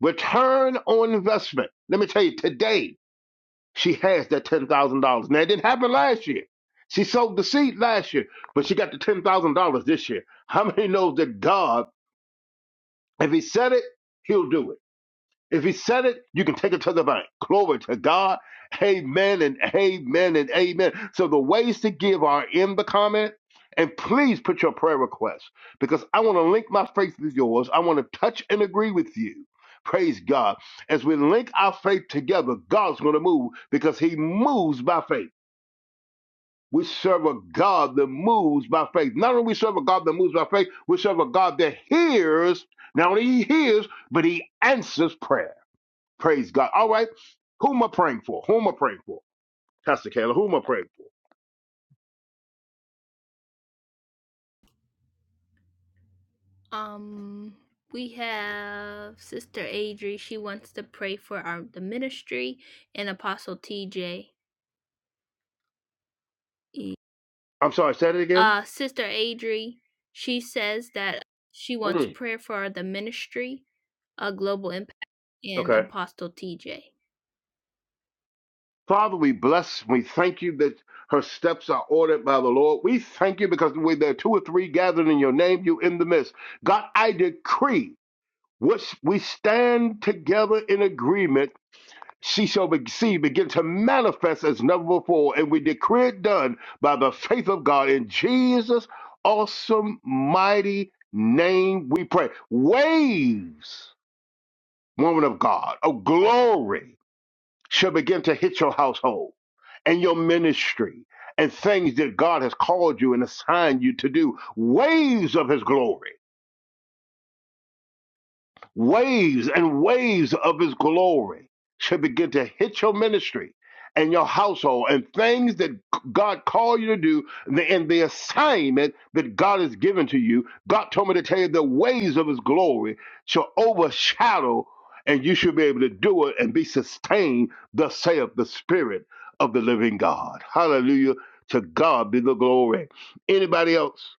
S2: Return on investment. Let me tell you, today she has that ten thousand dollars. Now it didn't happen last year. She sowed the seed last year, but she got the ten thousand dollars this year. How many knows that God, if He said it, He'll do it? If he said it, you can take it to the bank. Glory to God. Amen and amen and amen. So the ways to give are in the comment. And please put your prayer requests because I want to link my faith with yours. I want to touch and agree with you. Praise God. As we link our faith together, God's going to move because he moves by faith. We serve a God that moves by faith. Not only we serve a God that moves by faith, we serve a God that hears. Not only he hears, but he answers prayer. Praise God. All right. Who am I praying for? Who am I praying for? Pastor Kayla, who am I praying for? I'm sorry, say it again. Mm, Okay. Father, we bless. We thank you that her steps are ordered by the Lord. We thank you because when there are two or three gathered in your name, you in the midst. God, I decree which we stand together in agreement she shall be, see begin to manifest as never before. And we decree it done by the faith of God in Jesus' awesome, mighty name. We pray. Waves, woman of God, of glory shall begin to hit your household and your ministry and things that God has called you and assigned you to do. Waves of His glory Waves and waves of his glory should begin to hit your ministry and your household and things that God called you to do and the and the assignment that God has given to you. God told me to tell you the waves of his glory shall overshadow and you should be able to do it and be sustained, thus saith the Spirit of the living God. Hallelujah. To God be the glory. Anybody else?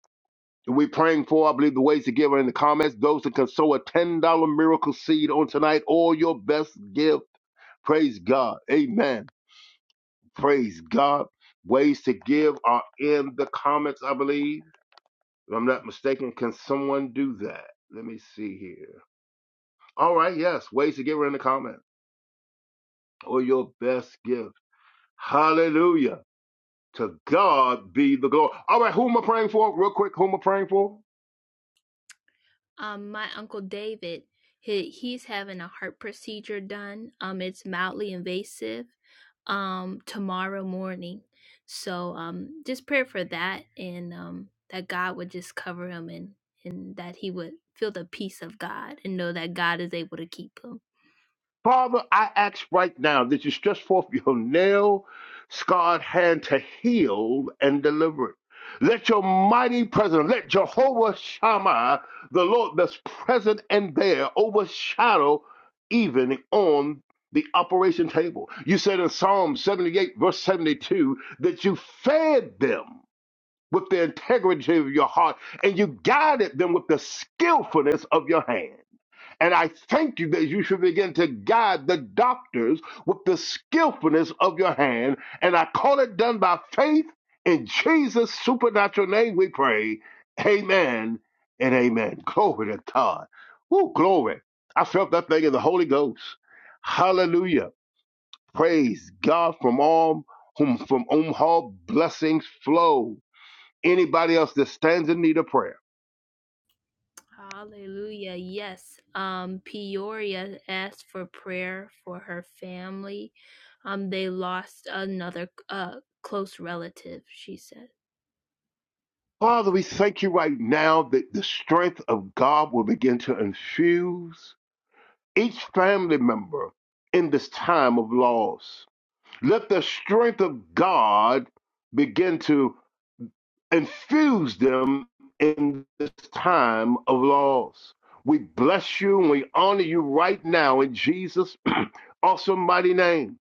S2: we're praying for, I believe the ways to give are in the comments. Those that can sow a $10 miracle seed on tonight, all your best give. Praise God. Amen. Praise God. Ways to give are in the comments, I believe. If I'm not mistaken, can someone do that? Let me see here. All right, yes. Ways to give are in the comments. Or your best gift. Hallelujah. To God be the glory. All right, who am I praying for? Real quick, who am I praying for? Father, I ask right now that you stretch forth your nail scarred hand to heal and deliver it. Let your mighty presence, let Jehovah Shammah, the Lord that's present and there, overshadow even on the operation table. You said in Psalm 78, verse 72, that you fed them with the integrity of your heart and you guided them with the skillfulness of your hand. And I thank you that you should begin to guide the doctors with the skillfulness of your hand. And I call it done by faith in Jesus' supernatural name, we pray. Amen and amen. Glory to God. Woo, glory. I felt that thing in the Holy Ghost. Hallelujah. Praise God from all whom from whom all blessings flow. Anybody else that stands in need of prayer? Father, we thank you right now that the strength of God will begin to infuse each family member in this time of loss. Let the strength of God begin to infuse them in this time of loss. We bless you and we honor you right now in Jesus' awesome mighty name.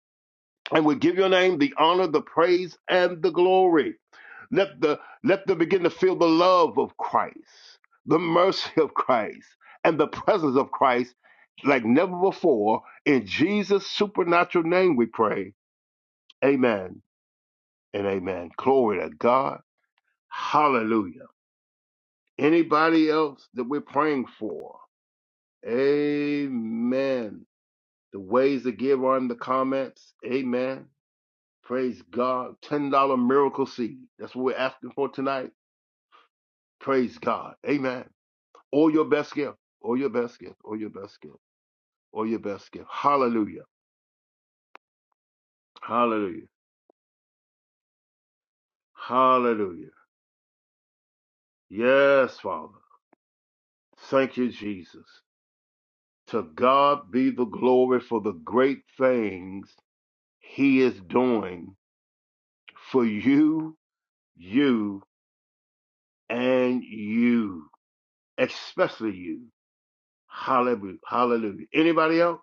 S2: And we give your name the honor, the praise, and the glory. Let the let them begin to feel the love of Christ, the mercy of Christ, and the presence of Christ like never before. In Jesus' supernatural name we pray. Amen and amen. Glory to God. Hallelujah. Anybody else that we're praying for? Amen. The ways to give are in the comments. Amen. Praise God. $10 miracle seed. That's what we're asking for tonight. Praise God. Amen. All your best gift. All your best gift. All your best gift. All your best gift. Hallelujah. Hallelujah. Hallelujah. Yes, Father. Thank you, Jesus. To God be the glory for the great things He is doing for you, you, and you, especially you. Hallelujah. Hallelujah. Anybody else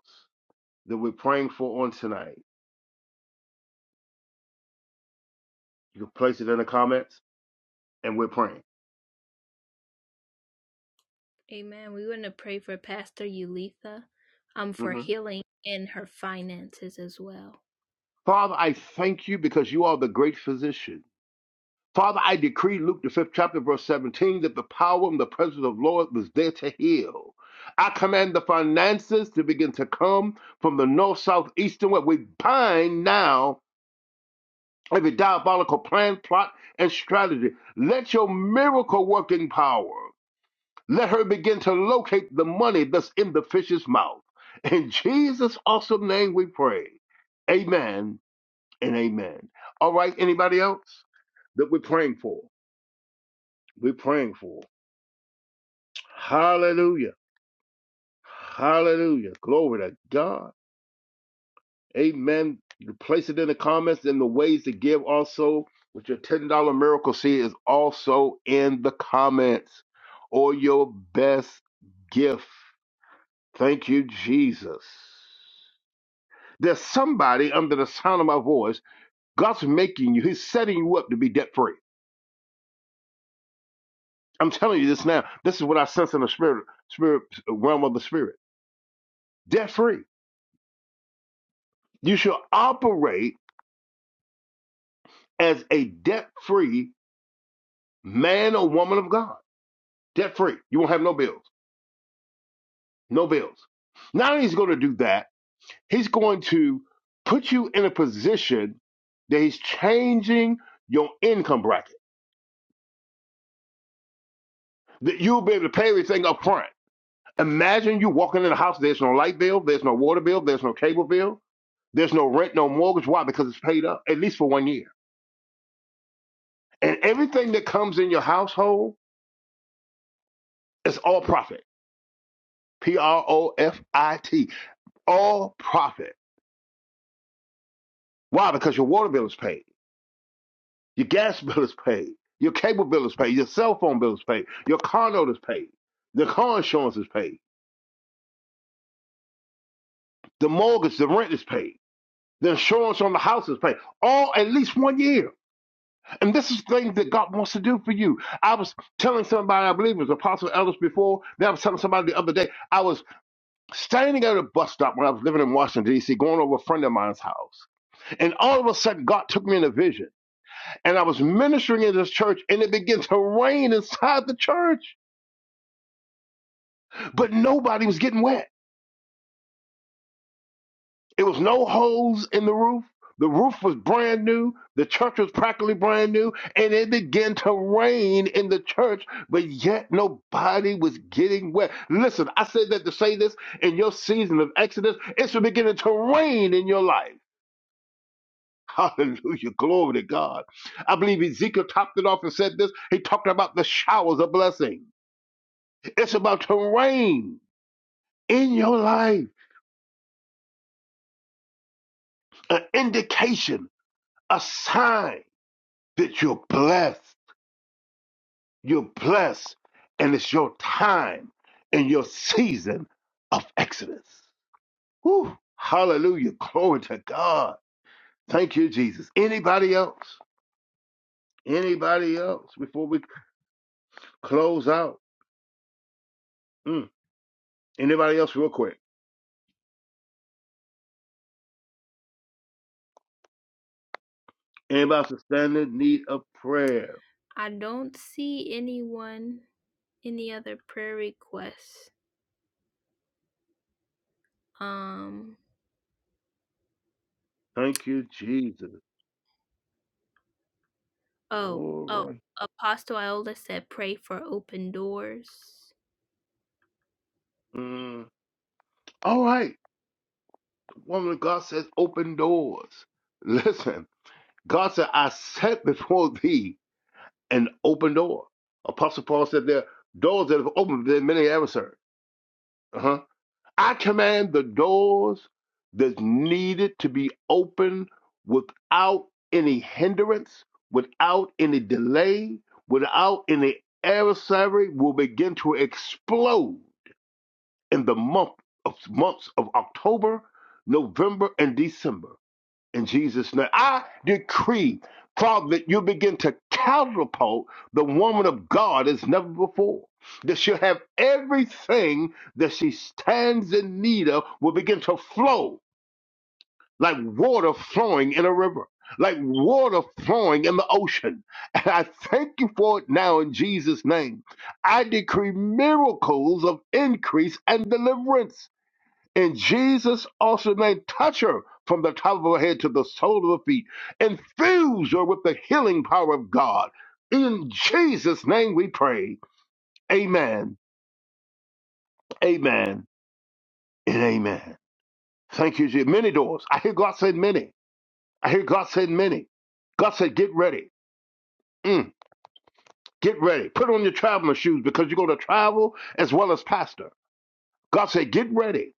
S2: that we're praying for on tonight? You can place it in the comments and we're praying. Mm-hmm. Father, I thank you because you are the great physician. Father, I decree Luke the fifth chapter, verse 17, that the power and the presence of the Lord was there to heal. I command the finances to begin to come from the north, south, east, and west. We bind now every diabolical plan, plot, and strategy. Let your miracle working power let her begin to locate the money that's in the fish's mouth. In Jesus' awesome name we pray. Amen and amen. All right, anybody else that we're praying for? We're praying for. Hallelujah. Hallelujah. Glory to God. Amen. You place it in the comments and the ways to give also with your $10 miracle seed is also in the comments or your best gift. Thank you, Jesus. There's somebody under the sound of my voice. God's making you, He's setting you up to be debt free. I'm telling you this now. This is what I sense in the spirit, spirit realm of the spirit. Debt free. You should operate as a debt free man or woman of God. Debt free. You won't have no bills. No bills. Not only is he going to do that, he's going to put you in a position that he's changing your income bracket. That you'll be able to pay everything up front. Imagine you walking in a house, there's no light bill, there's no water bill, there's no cable bill, there's no rent, no mortgage. Why? Because it's paid up, at least for one year. And everything that comes in your household is all profit. P R O F I T. All profit. Why? Because your water bill is paid, your gas bill is paid, your cable bill is paid, your cell phone bill is paid, your car note is paid, the car insurance is paid, the mortgage, the rent is paid, the insurance on the house is paid. All at least one year. And this is things that God wants to do for you. I was telling somebody, I believe it was Apostle Ellis before, then I was telling somebody the other day, I was standing at a bus stop when I was living in Washington, D.C., going over a friend of mine's house. And all of a sudden, God took me in a vision. And I was ministering in this church, and it began to rain inside the church. But nobody was getting wet. It was no holes in the roof. The roof was brand new. The church was practically brand new. And it began to rain in the church, but yet nobody was getting wet. Listen, I said that to say this in your season of Exodus, it's beginning to rain in your life. Hallelujah. Glory to God. I believe Ezekiel topped it off and said this. He talked about the showers of blessing. It's about to rain in your life, an indication, a sign that you're blessed. You're blessed, and it's your time and your season of Exodus. Whew. Hallelujah. Glory to God. Thank you, Jesus. Anybody else? Anybody else before we close out? Mm. Anybody else, real quick? Anybody else stand in need of prayer? Thank you, Jesus. All right. Mm. All right. The woman of God says, open doors. Listen, God said, I set before thee an open door. Apostle Paul said, there are doors that have opened, but there are many adversaries. Uh huh. I command the doors that's needed to be open without any hindrance, without any delay, without any adversary will begin to explode in the month of months of October, November, and December in Jesus' name. I decree, Father, that you begin to catapult the woman of God as never before. That she'll have everything that she stands in need of will begin to flow like water flowing in a river, like water flowing in the ocean. And I thank you for it now in Jesus' name. I decree miracles of increase and deliverance and Jesus also named touch her from the top of her head to the sole of her feet. Infuse her with the healing power of God. In Jesus' name we pray. Amen. Amen. And amen. Thank you, Jesus. Many doors. I hear God say many. I hear God say many. God said, get ready. Mm, get ready. Put on your traveling shoes because you're going to travel as well as pastor. God said, get ready.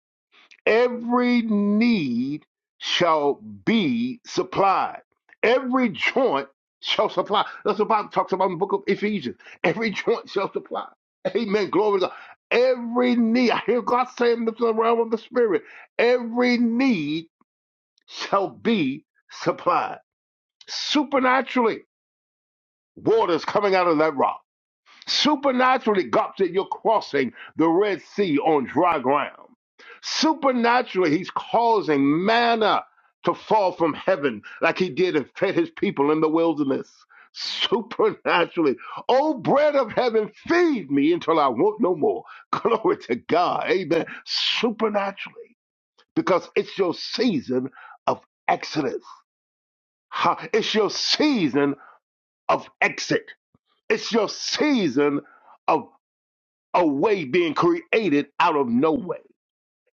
S2: every need shall be supplied. Every joint shall supply. That's what the Bible talks about in the book of Ephesians. Every joint shall supply. Amen. Glory to God. Every need, I hear God saying this in the realm of the spirit. Every need shall be supplied. Supernaturally, water is coming out of that rock Supernaturally, God said, You're crossing the Red Sea on dry ground. Supernaturally, He's causing manna to fall from heaven like He did and fed His people in the wilderness. Supernaturally, oh bread of heaven, feed me until I want no more. Glory to God. Amen. Supernaturally, because it's your season of exodus. Ha, It's your season of exit. It's your season of a way being created out of no way.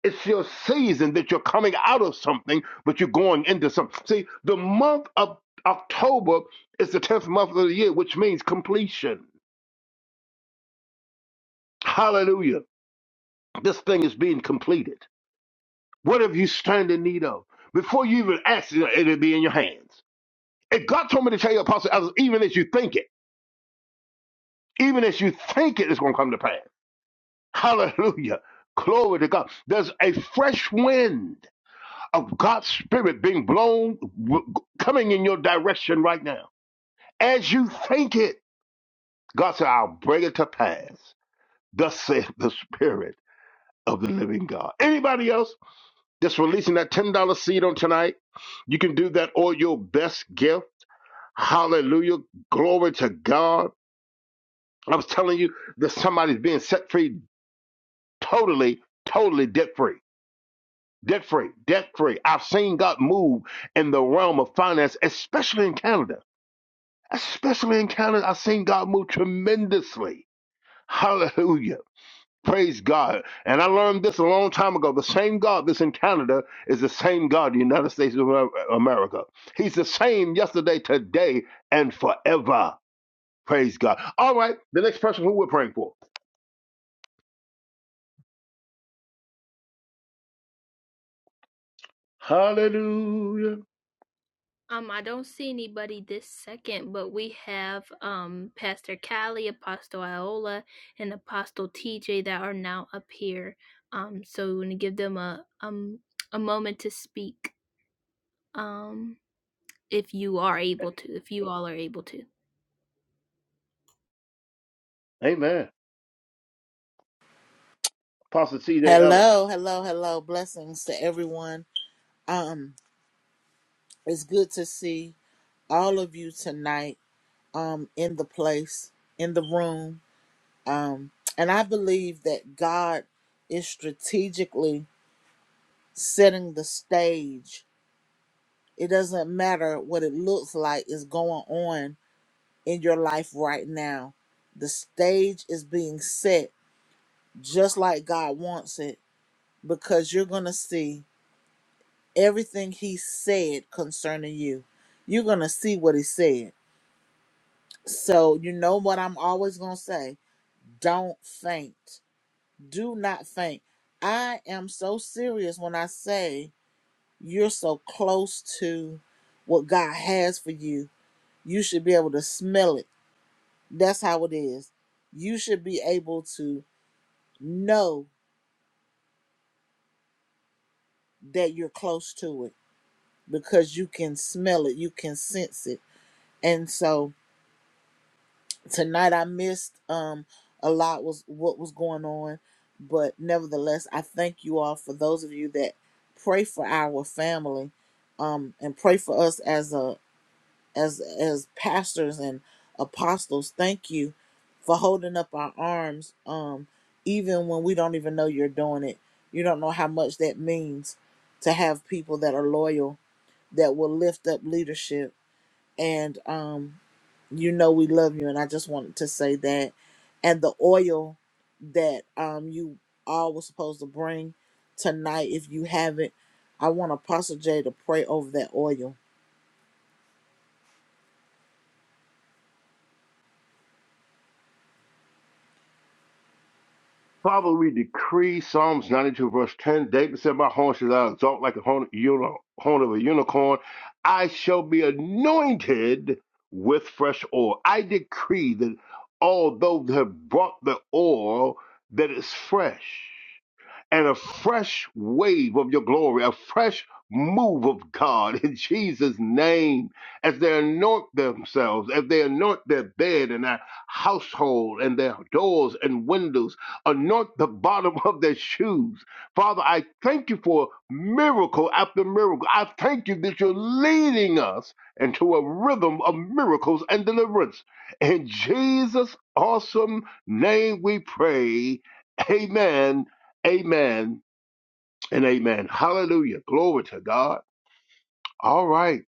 S2: It's your season that you're coming out of something, but you're going into something. See, the month of October is the 10th month of the year, which means completion. Hallelujah. This thing is being completed. What have you stand in need of? Before you even ask, it, it'll be in your hands. If God told me to tell you, Apostle, Ellis, even as you think it, even as you think it, it's going to come to pass. Hallelujah. Glory to God. There's a fresh wind of God's spirit being blown, w- coming in your direction right now. As you think it, God said, I'll bring it to pass. Thus saith the spirit of the living God. Anybody else that's releasing that $10 seed on tonight, you can do that or your best gift. Hallelujah. Glory to God. I was telling you that somebody's being set free totally, totally debt free. Debt free, debt free. I've seen God move in the realm of finance, especially in Canada especially in Canada, I've seen God move tremendously. Hallelujah. Praise God. And I learned this a long time ago. The same God that's in Canada is the same God in the United States of Amer- America. He's the same yesterday, today, and forever. Praise God. All right. The next person who we're praying for. Hallelujah. Amen. Apostle C.J. Ellis.
S3: Hello, hello, hello. Blessings to everyone. Um, it's good to see all of you tonight um in the place, in the room. Um, and I believe that God is strategically setting the stage. It doesn't matter what it looks like is going on in your life right now. The stage is being set just like God wants it because you're going to see everything he said concerning you. You're going to see what he said. So, you know what I'm always going to say? Don't faint. Do not faint. I am so serious when I say you're so close to what God has for you. You should be able to smell it. That's how it is. You should be able to know that you're close to it because you can smell it, you can sense it. And so, tonight I missed um a lot was what was going on, but nevertheless I thank you all for those of you that pray for our family um and pray for us as a as as pastors and apostles. Thank you for holding up our arms um even when we don't even know you're doing it. You don't know how much that means to have people that are loyal that will lift up leadership and um you know we love you and i just wanted to say that and the oil that um you all were supposed to bring tonight if you have it i want apostle jay to pray over that oil
S2: Father, we decree Psalms 92, verse 10. David said, My horn shall I exalt like a horn, uni- horn of a unicorn. I shall be anointed with fresh oil. I decree that although they have brought the oil, that is fresh and a fresh wave of your glory, a fresh move of God in Jesus' name as they anoint themselves, as they anoint their bed and their household and their doors and windows, anoint the bottom of their shoes. Father, I thank you for miracle after miracle. I thank you that you're leading us into a rhythm of miracles and deliverance. In Jesus' awesome name we pray. Amen Amen and amen. Hallelujah. Glory to God. All right.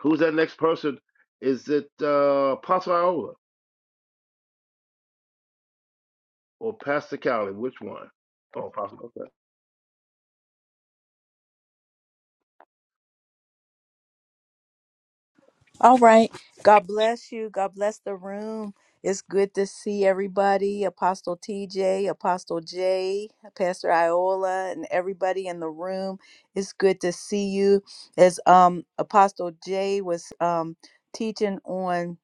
S2: Who's that next person? Is it uh, Apostle Iola or Pastor Callie? Which one? Oh, Apostle. Okay.
S4: All right. God bless you. God bless the room. It's good to see everybody Apostle TJ, Apostle J, Pastor Iola, and everybody in the room. It's good to see you. As um, Apostle J was um, teaching on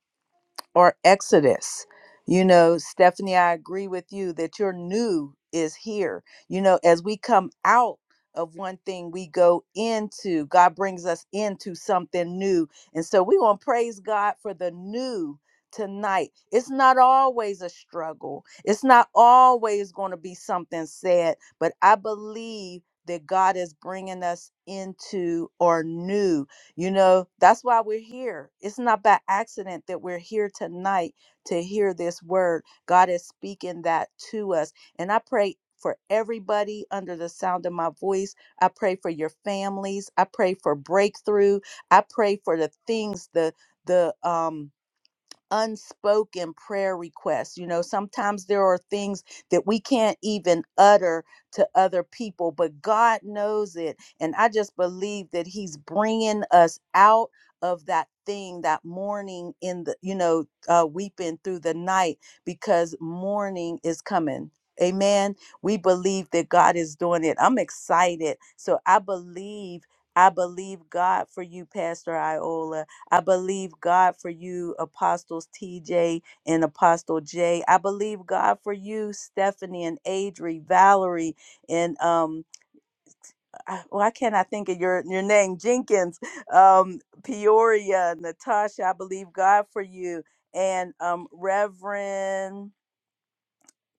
S4: or Exodus. You know, Stephanie, I agree with you that your new is here. You know, as we come out of one thing, we go into, God brings us into something new. And so we want to praise God for the new tonight. It's not always a struggle, it's not always going to be something sad, but I believe that God is bringing us into our new. You know, that's why we're here. It's not by accident that we're here tonight to hear this word. God is speaking that to us. And I pray for everybody under the sound of my voice. I pray for your families. I pray for breakthrough. I pray for the things, the the um unspoken prayer requests. You know, sometimes there are things that we can't even utter to other people, but God knows it. And I just believe that He's bringing us out of that thing, that mourning in the, you know, uh, weeping through the night because morning is coming. Amen. We believe that God is doing it. I'm excited. So I believe. I believe God for you, Pastor Iola. I believe God for you, Apostles TJ and Apostle J. I believe God for you, Stephanie and Adri, Valerie, and um, I, why can't I think of your your name? Jenkins, um, Peoria, Natasha. I believe God for you, and um, Reverend.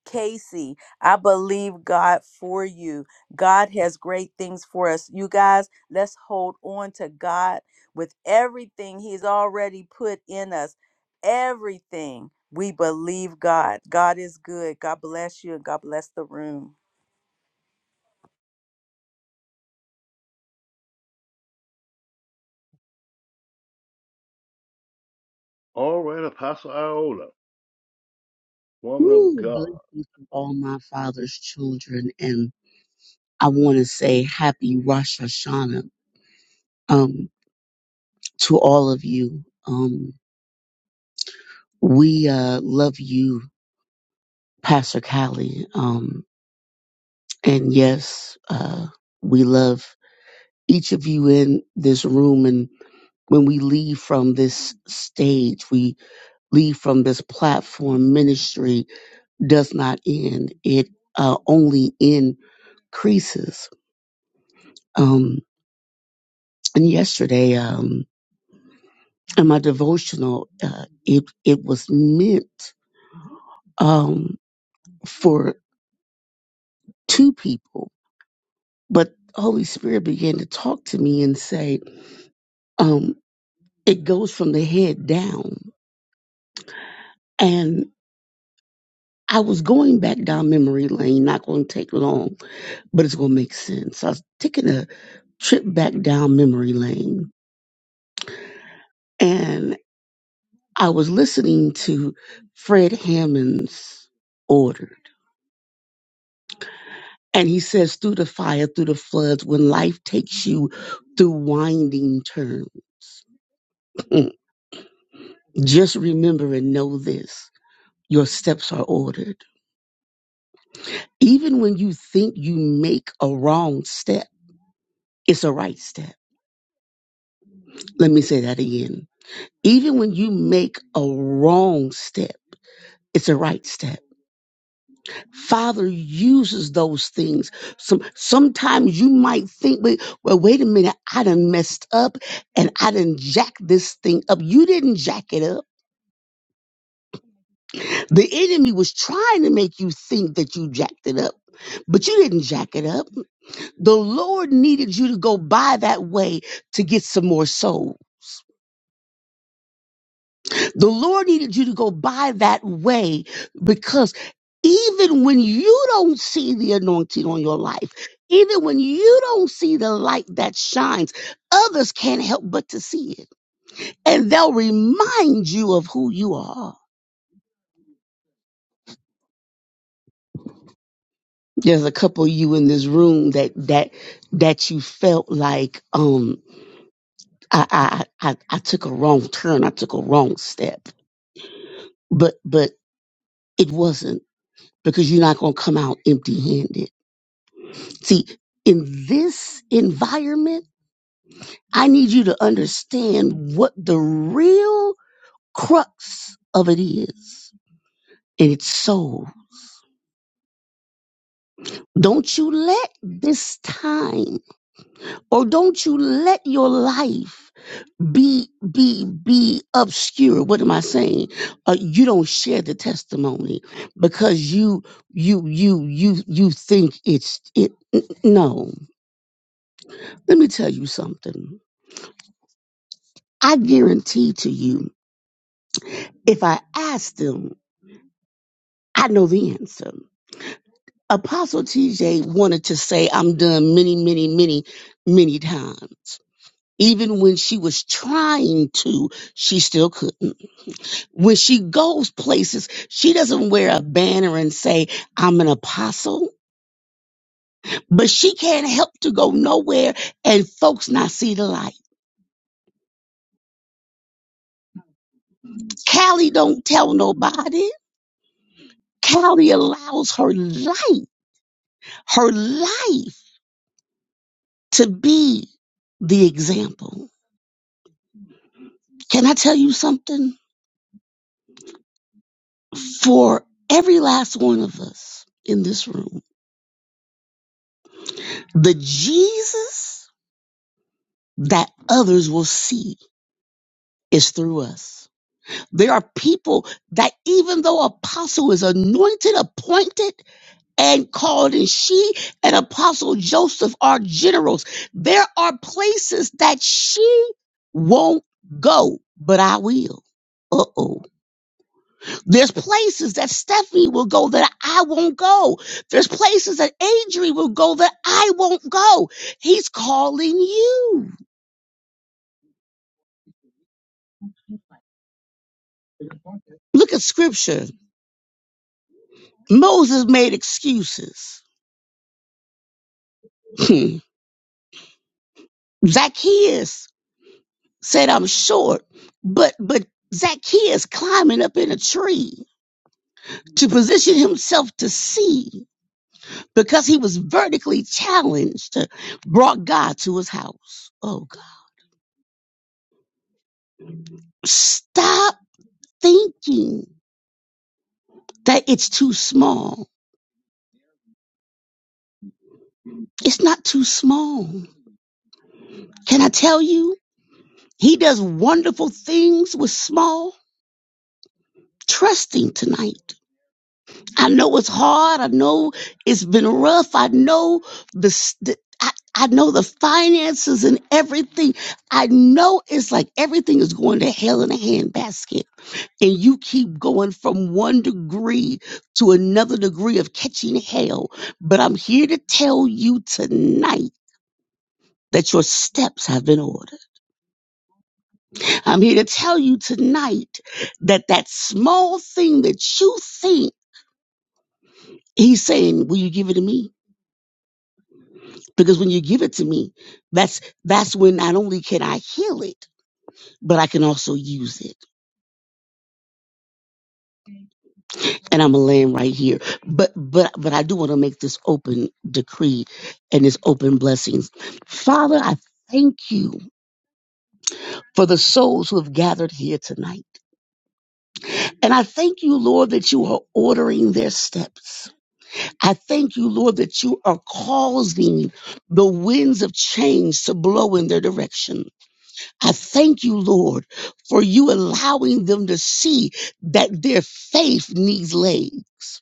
S4: Casey, I believe God for you. God has great things for us. You guys, let's hold on to God with everything He's already put in us. Everything. We believe God. God is good. God bless you and God bless the room.
S2: All right, Apostle Iola, woman of
S5: Ooh, blessings
S2: God.
S5: to all my father's children. And I want to say happy Rosh Hashanah um, to all of you. Um, we uh, love you, Pastor Callie. Um, and yes, uh, we love each of you in this room. And when we leave from this stage, we leave from this platform, ministry does not end, it uh, only increases. Um, And yesterday, um, in my devotional, uh, it it was meant um, for two people, but Holy Spirit began to talk to me and say, um, "It goes from the head down." And I was going back down memory lane. Not going to take long, but it's going to make sense. I was taking a trip back down memory lane, and I was listening to Fred Hammond's order And he says, through the fire, through the floods, when life takes you through winding turns, mm, just remember and know this your steps are ordered. Even when you think you make a wrong step, it's a right step. Let me say that again. Even when you make a wrong step, it's a right step Father uses those things. Some sometimes you might think, wait, well, wait a minute, I done messed up and I done jack this thing up. You didn't jack it up. The enemy was trying to make you think that you jacked it up. But you didn't jack it up. The Lord needed you to go by that way to get some more souls. The Lord needed you to go by that way because even when you don't see the anointing on your life, even when you don't see the light that shines, others can't help but to see it. And they'll remind you of who you are. There's a couple of you in this room that that that you felt like um I I I, I took a wrong turn, I took a wrong step. But but it wasn't because you're not gonna come out empty handed See, in this environment, I need you to understand what the real crux of it is. And it's soul. Don't you let this time or don't you let your life be be be obscure. What am I saying? Uh, you don't share the testimony because you you you you you think it's it n- no. Let me tell you something. I guarantee to you If I ask them, I know the answer. Apostle TJ wanted to say, I'm done many, many, many, many times. Even when she was trying to, she still couldn't. When she goes places, she doesn't wear a banner and say, I'm an apostle, but she can't help to go nowhere and folks not see the light. Callie don't tell nobody. Callie allows her light, her life to be the example. Can I tell you something? For every last one of us in this room, the Jesus that others will see is through us. There are people that even though apostle is anointed, appointed, and called, and she and apostle Joseph are generals, there are places that she won't go, but I will. Uh oh. There's places that Stephanie will go that I won't go. There's places that Adri will go that I won't go. He's calling you. Look at scripture. Moses made excuses. Hmm. Zacchaeus said, I'm short, but, but Zacchaeus climbing up in a tree to position himself to see because he was vertically challenged brought God to his house. Oh God. Stop thinking. that it's too small. It's not too small. Can I tell you? He does wonderful things with small. Trust him tonight. I know it's hard. I know it's been rough. I know the, the I, I know the finances and everything. I know it's like everything is going to hell in a handbasket. And you keep going from one degree to another degree of catching hell. But I'm here to tell you tonight that your steps have been ordered. I'm here to tell you tonight that that small thing that you think he's saying, will you give it to me? Because when you give it to me, that's that's when not only can I heal it, but I can also use it. And I'm gonna land right here. But but but I do want to make this open decree and this open blessings. Father, I thank you for the souls who have gathered here tonight. And I thank you, Lord, that you are ordering their steps. I thank you, Lord, that you are causing the winds of change to blow in their direction. I thank you, Lord, for you allowing them to see that their faith needs legs.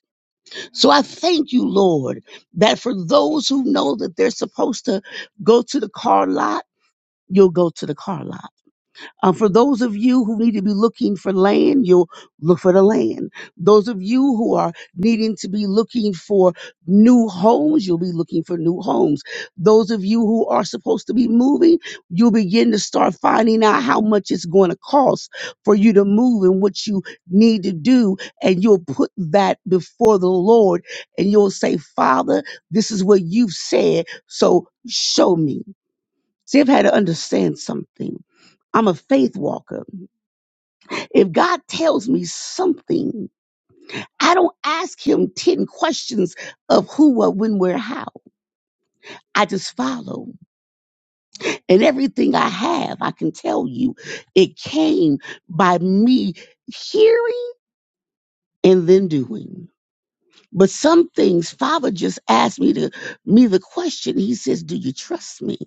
S5: So I thank you, Lord, that for those who know that they're supposed to go to the car lot, you'll go to the car lot. Uh, for those of you who need to be looking for land, you'll look for the land. Those of you who are needing to be looking for new homes, you'll be looking for new homes. Those of you who are supposed to be moving, you'll begin to start finding out how much it's going to cost for you to move and what you need to do. And you'll put that before the Lord and you'll say, Father, this is what you've said. So show me. See, I've had to understand something. I'm a faith walker. If God tells me something, I don't ask him 10 questions of who, what, when, where, how. I just follow. And everything I have, I can tell you, it came by me hearing and then doing. But some things, Father just asked me to me the question. He says, Do you trust me?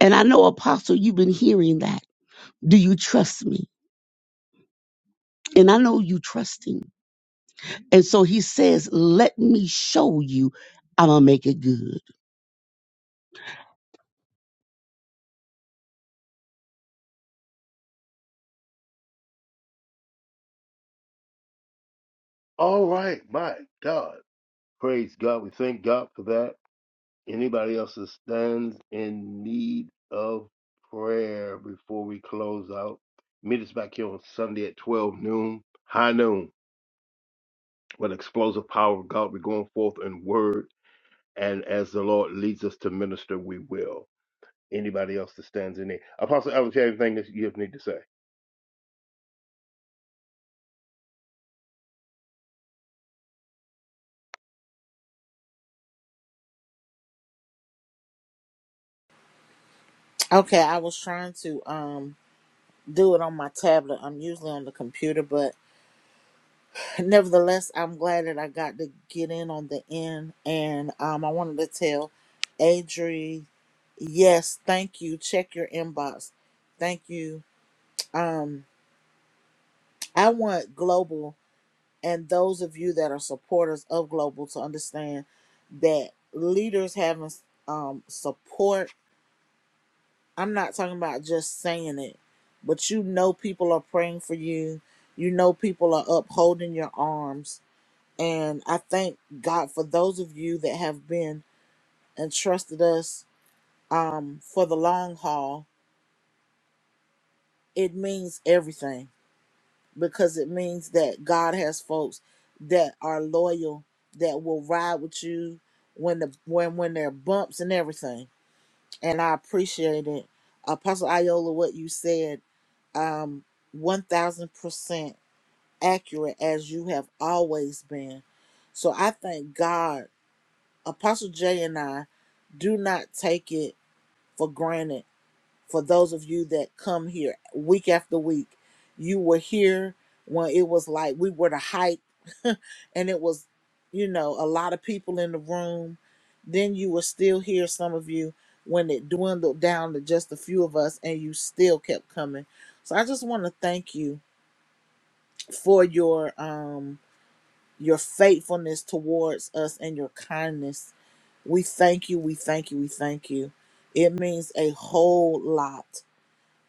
S5: And I know, Apostle, you've been hearing that. Do you trust me? And I know you trust him. And so he says, Let me show you, I'm going to make it good.
S2: All right, my God. Praise God. We thank God for that. Anybody else that stands in need of prayer before we close out? Meet us back here on Sunday at 12 noon, high noon. with explosive power of God. We're going forth in word, and as the Lord leads us to minister, we will. Anybody else that stands in there? Apostle Evans, you have anything that you need to say?
S3: okay i was trying to um do it on my tablet i'm usually on the computer but nevertheless i'm glad that i got to get in on the end and um i wanted to tell adri yes thank you check your inbox thank you Um. I want global and those of you that are supporters of global to understand that leaders having um, support. I'm not talking about just saying it, but you know people are praying for you. You know people are upholding your arms, and I thank God for those of you that have been and trusted us um, for the long haul. It means everything because it means that God has folks that are loyal that will ride with you when the when when there are bumps and everything. And I appreciate it, Apostle Iola, what you said, um, one thousand percent accurate as you have always been. So I thank God, Apostle Jay and I do not take it for granted for those of you that come here week after week you were here when it was like we were the hype and it was you know a lot of people in the room then you were still here some of you when it dwindled down to just a few of us and you still kept coming so i just want to thank you for your um your faithfulness towards us and your kindness we thank you we thank you we thank you it means a whole lot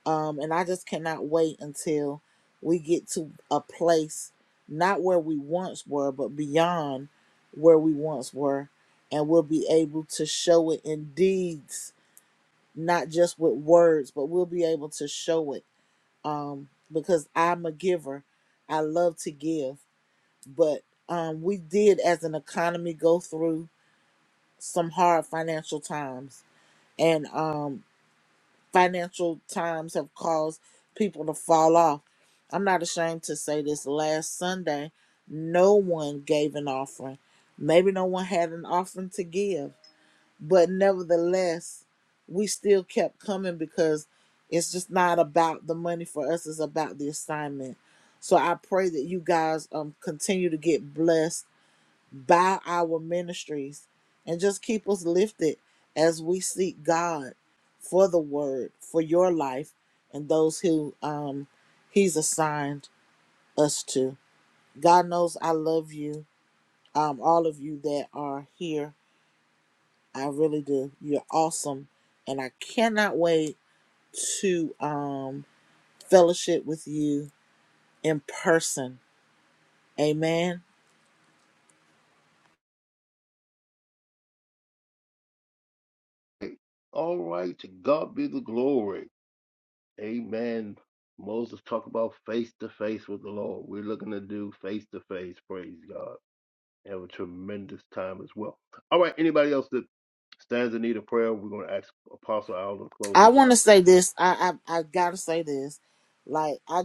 S3: um, and I just cannot wait until we get to a place not where we once were, but beyond where we once were, and we'll be able to show it in deeds, not just with words, but we'll be able to show it um, because I'm a giver. I love to give, but um, we did as an economy go through some hard financial times, and um, financial times have caused people to fall off. I'm not ashamed to say this last Sunday, no one gave an offering. Maybe no one had an offering to give, but nevertheless, we still kept coming because it's just not about the money for us, it's about the assignment. So I pray that you guys um continue to get blessed by our ministries and just keep us lifted as we seek God for the word, for your life, and those who um, He's assigned us to. God knows I love you, um, all of you that are here. I really do. You're awesome. And I cannot wait to um, fellowship with you in person. Amen.
S2: All right, to God be the glory. Amen. Moses talked about face to face with the Lord. We're looking to do face to face. Praise God. Have a tremendous time as well. All right, anybody else that stands in need of prayer, we're going to ask Apostle Allen to close
S3: I
S2: us
S3: want to
S2: out.
S3: say this. I, I I gotta say this. Like I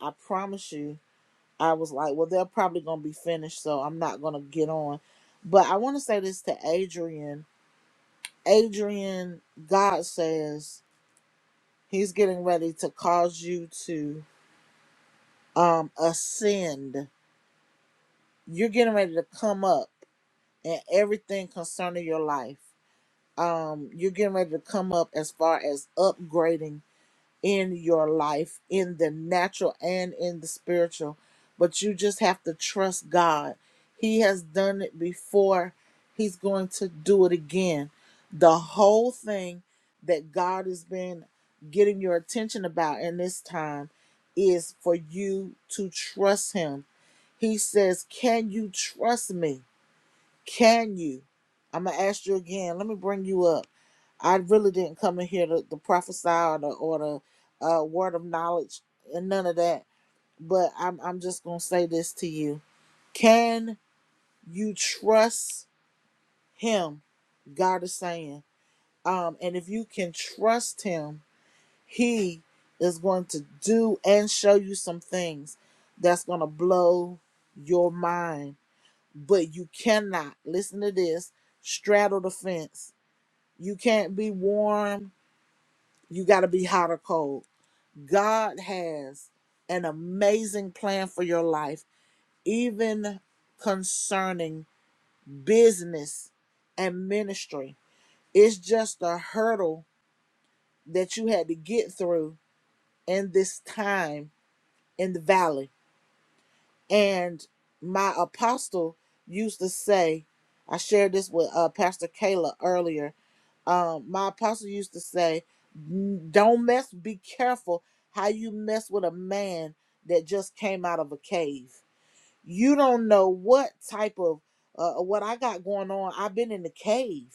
S3: I promise you, I was like, well, they're probably gonna be finished, so I'm not gonna get on. But I want to say this to Adrian. Adrian, God says He's getting ready to cause you to um ascend. You're getting ready to come up in everything concerning your life. Um, you're getting ready to come up as far as upgrading in your life, in the natural and in the spiritual. But you just have to trust God. He has done it before, He's going to do it again. The whole thing that God has been getting your attention about in this time is for you to trust Him. He says, Can you trust me? Can you? I'm going to ask you again. Let me bring you up. I really didn't come in here to, to prophesy or the or the uh, word of knowledge and none of that. But I'm I'm just gonna say this to you: Can you trust Him? God is saying, um, and if you can trust Him, He is going to do and show you some things that's gonna blow your mind. But you cannot listen to this. Straddle the fence. You can't be warm. You got to be hot or cold God has an amazing plan for your life, even concerning business and ministry. It's just a hurdle that you had to get through in this time in the valley And my apostle used to say, I shared this with uh, Pastor Kayla earlier. Um, my apostle used to say, "N- Don't mess, be careful how you mess with a man that just came out of a cave. You don't know what type of uh, what I got going on. I've been in the cave.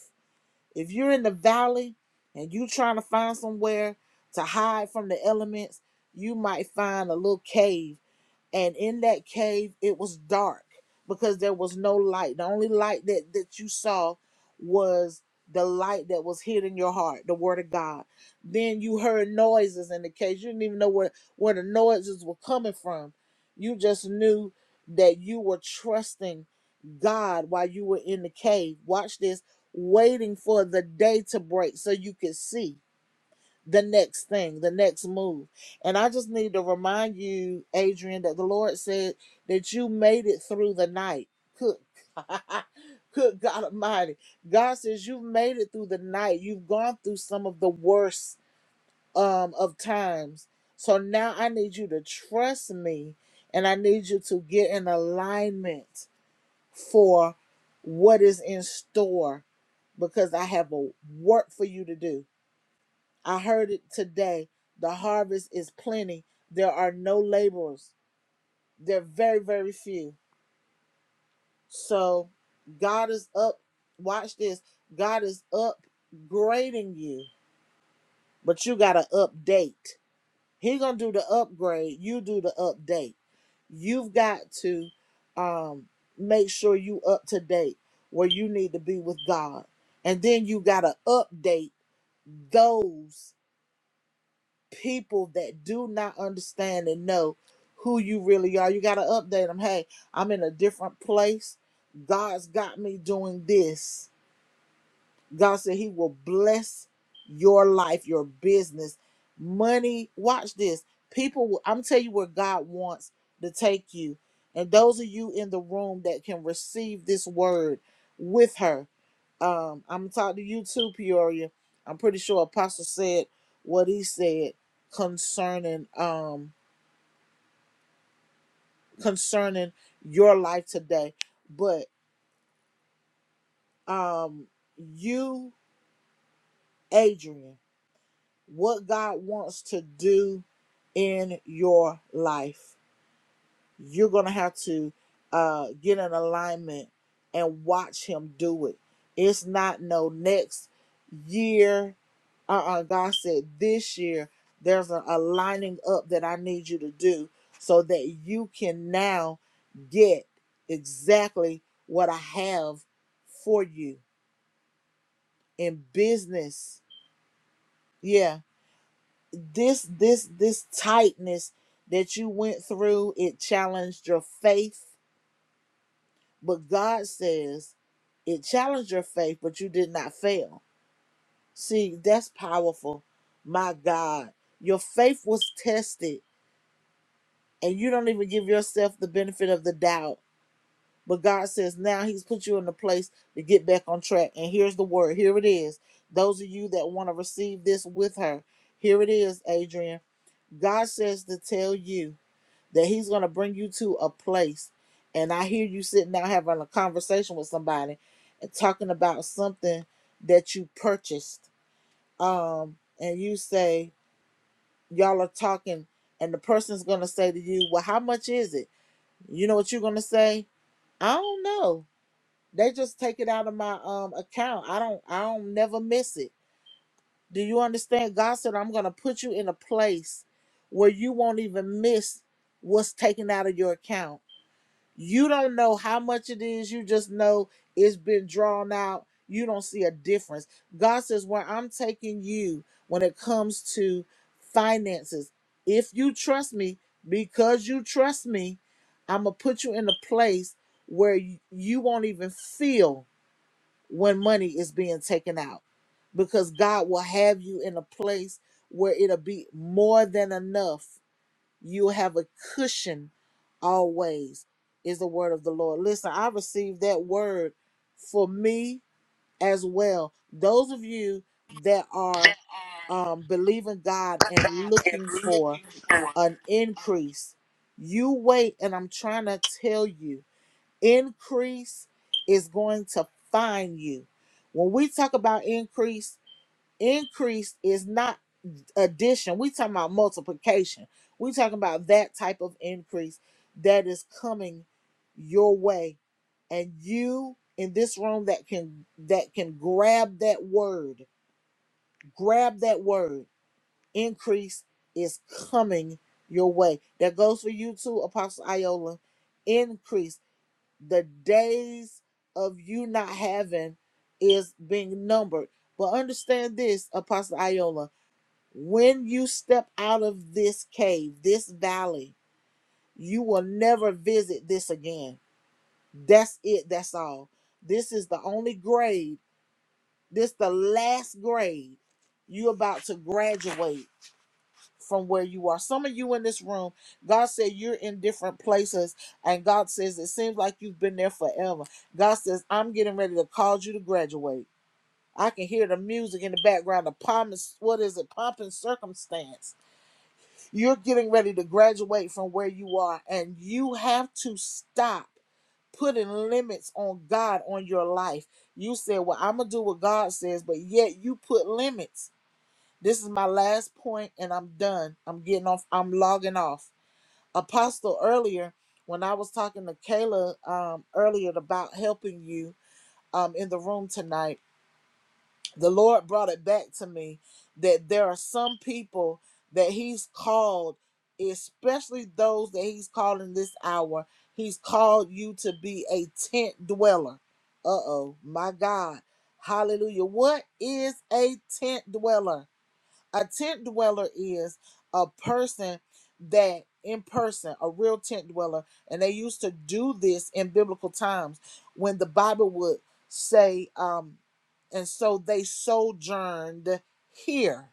S3: If you're in the valley and you trying to find somewhere to hide from the elements, you might find a little cave and in that cave it was dark because there was no light the only light that that you saw was the light that was hid in your heart the word of god then you heard noises in the cave you didn't even know where where the noises were coming from you just knew that you were trusting god while you were in the cave watch this waiting for the day to break so you could see the next thing, the next move. And I just need to remind you, Adrian, that the Lord said that you made it through the night. Good, good God Almighty. God says you've made it through the night. You've gone through some of the worst um, of times. So now I need you to trust me and I need you to get in alignment for what is in store because I have a work for you to do. I heard it today. The harvest is plenty. There are no laborers. They're very, very few. So God is up. Watch this. God is upgrading you, but you got to update. He gonna do the upgrade. You do the update. You've got to um, make sure you up to date where you need to be with God, and then you got to update those. people that do not understand and know who you really are. You got to update them. Hey, I'm in a different place. God's got me doing this. God said He will bless your life, your business, money. Watch this. People, will- I'm telling you where God wants to take you. And those of you in the room that can receive this word with her, um, I'm gonna talk to you too, Peoria. I'm pretty sure Apostle said what he said concerning um concerning your life today. But um you, Adrian, what God wants to do in your life. you're gonna have to uh, get in alignment and watch him do it. It's not no next year. Uh, uh God said this year there's an aligning up that I need you to do so that you can now get exactly what I have for you in business. Yeah, this this this tightness that you went through it challenged your faith But God says it challenged your faith, but you did not fail. See, that's powerful. My God, your faith was tested, and you don't even give yourself the benefit of the doubt. But God says now He's put you in a place to get back on track. And here's the word here it is. Those of you that want to receive this with her, here it is, Adrian. God says to tell you that he's going to bring you to a place and i hear you sitting down having a conversation with somebody and talking about something that you purchased um and you say y'all are talking and the person's going to say to you well how much is it you know what you're going to say i don't know they just take it out of my um account i don't i don't never miss it do you understand god said i'm going to put you in a place where you won't even miss what's taken out of your account You don't know how much it is. You just know it's been drawn out. You don't see a difference. God says, Where I'm taking you when it comes to finances, if you trust me, because you trust me, I'm going to put you in a place where you you won't even feel when money is being taken out because God will have you in a place where it'll be more than enough you have a cushion always, is the word of the Lord. Listen, I received that word for me as well. Those of you that are um, believing God and looking for an increase, you wait, and I'm trying to tell you, increase is going to find you. When we talk about increase, increase is not addition. We talking about multiplication. We talking about that type of increase that is coming your way, and you in this room that can that can grab that word, grab that word. Increase is coming your way. That goes for you too, Apostle Iola. Increase the days of you not having is being numbered. But understand this, Apostle Iola when you step out of this cave, this valley, you will never visit this again. That's it. That's all. This is the only grade. This the last grade. you about to graduate from where you are. Some of you in this room, God said you're in different places, and God says it seems like you've been there forever. God says, I'm getting ready to call you to graduate. I can hear the music in the background, the pomp, what is it, pomp and circumstance You're getting ready to graduate from where you are, and you have to stop putting limits on God on your life. You said, Well, I'm going to do what God says, but yet you put limits. This is my last point, and I'm done. I'm getting off, I'm logging off. Apostle, earlier, when I was talking to Kayla um, earlier about helping you um, in the room tonight, the Lord brought it back to me that there are some people that He's called, especially those that He's called in this hour. He's called you to be a tent dweller. Uh oh, my God. Hallelujah. What is a tent dweller? A tent dweller is a person that in person, a real tent dweller, and they used to do this in biblical times when the Bible would say, um, and so they sojourned here.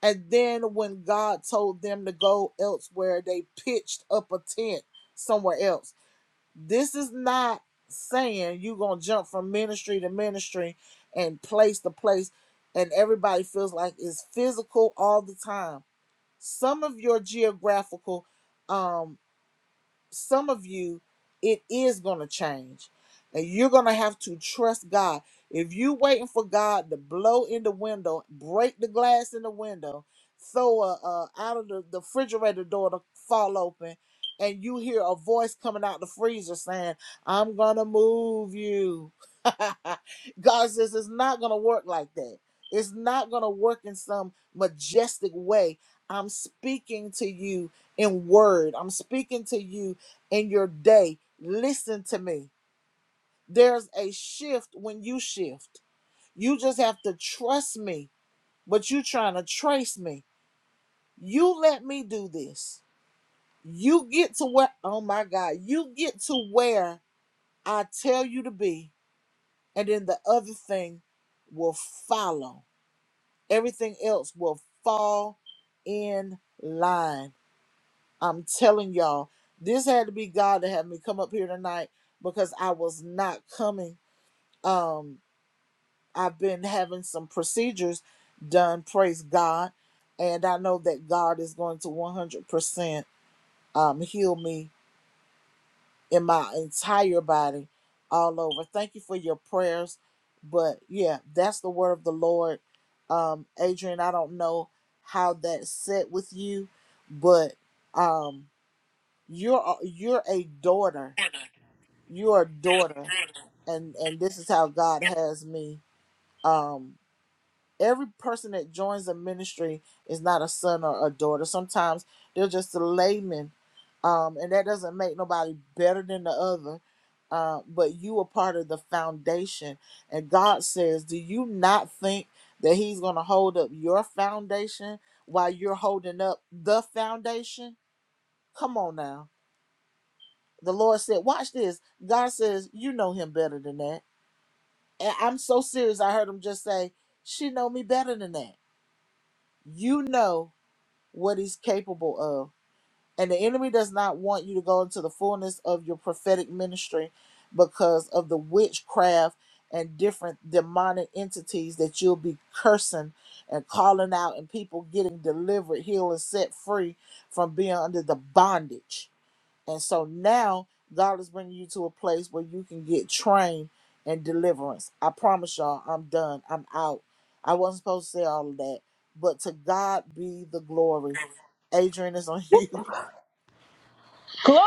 S3: And then when God told them to go elsewhere, they pitched up a tent somewhere else. This is not saying you're going to jump from ministry to ministry and place to place, and everybody feels like it's physical all the time. Some of your geographical um some of you, it is going to change. And you're going to have to trust God. If you waiting for God to blow in the window, break the glass in the window, throw a, uh, out of the, the refrigerator door to fall open, and you hear a voice coming out the freezer saying, I'm going to move you. God says it's not going to work like that. It's not going to work in some majestic way. I'm speaking to you in word. I'm speaking to you in your day. Listen to me. There's a shift when you shift. You just have to trust me, but you trying to trace me. You let me do this. You get to where, oh my God, you get to where I tell you to be, and then the other thing will follow. Everything else will fall in line. I'm telling y'all, this had to be God to have me come up here tonight because I was not coming um I've been having some procedures done, praise God, and I know that God is going to 100% um heal me in my entire body all over. Thank you for your prayers. But yeah, that's the word of the Lord. Um Adrian, I don't know how that set with you, but um you're a- you're a daughter. You're a daughter and and this is how God has me. Um. every person that joins a ministry is not a son or a daughter. Sometimes they're just a layman, um, and that doesn't make nobody better than the other. Uh, but you are part of the foundation, and God says, "Do you not think that He's going to hold up your foundation while you're holding up the foundation?" Come on now. The Lord said, "Watch this." God says, "You know Him better than that." And I'm so serious. I heard Him just say, "She know me better than that." You know what he's capable of. And the enemy does not want you to go into the fullness of your prophetic ministry because of the witchcraft and different demonic entities that you'll be cursing and calling out, and people getting delivered, healed, and set free from being under the bondage and so now God is bringing you to a place where you can get trained and deliverance. I promise y'all, I'm done. I'm out. I wasn't supposed to say all of that, but to God be the glory. Adrian is on you.
S6: Glory!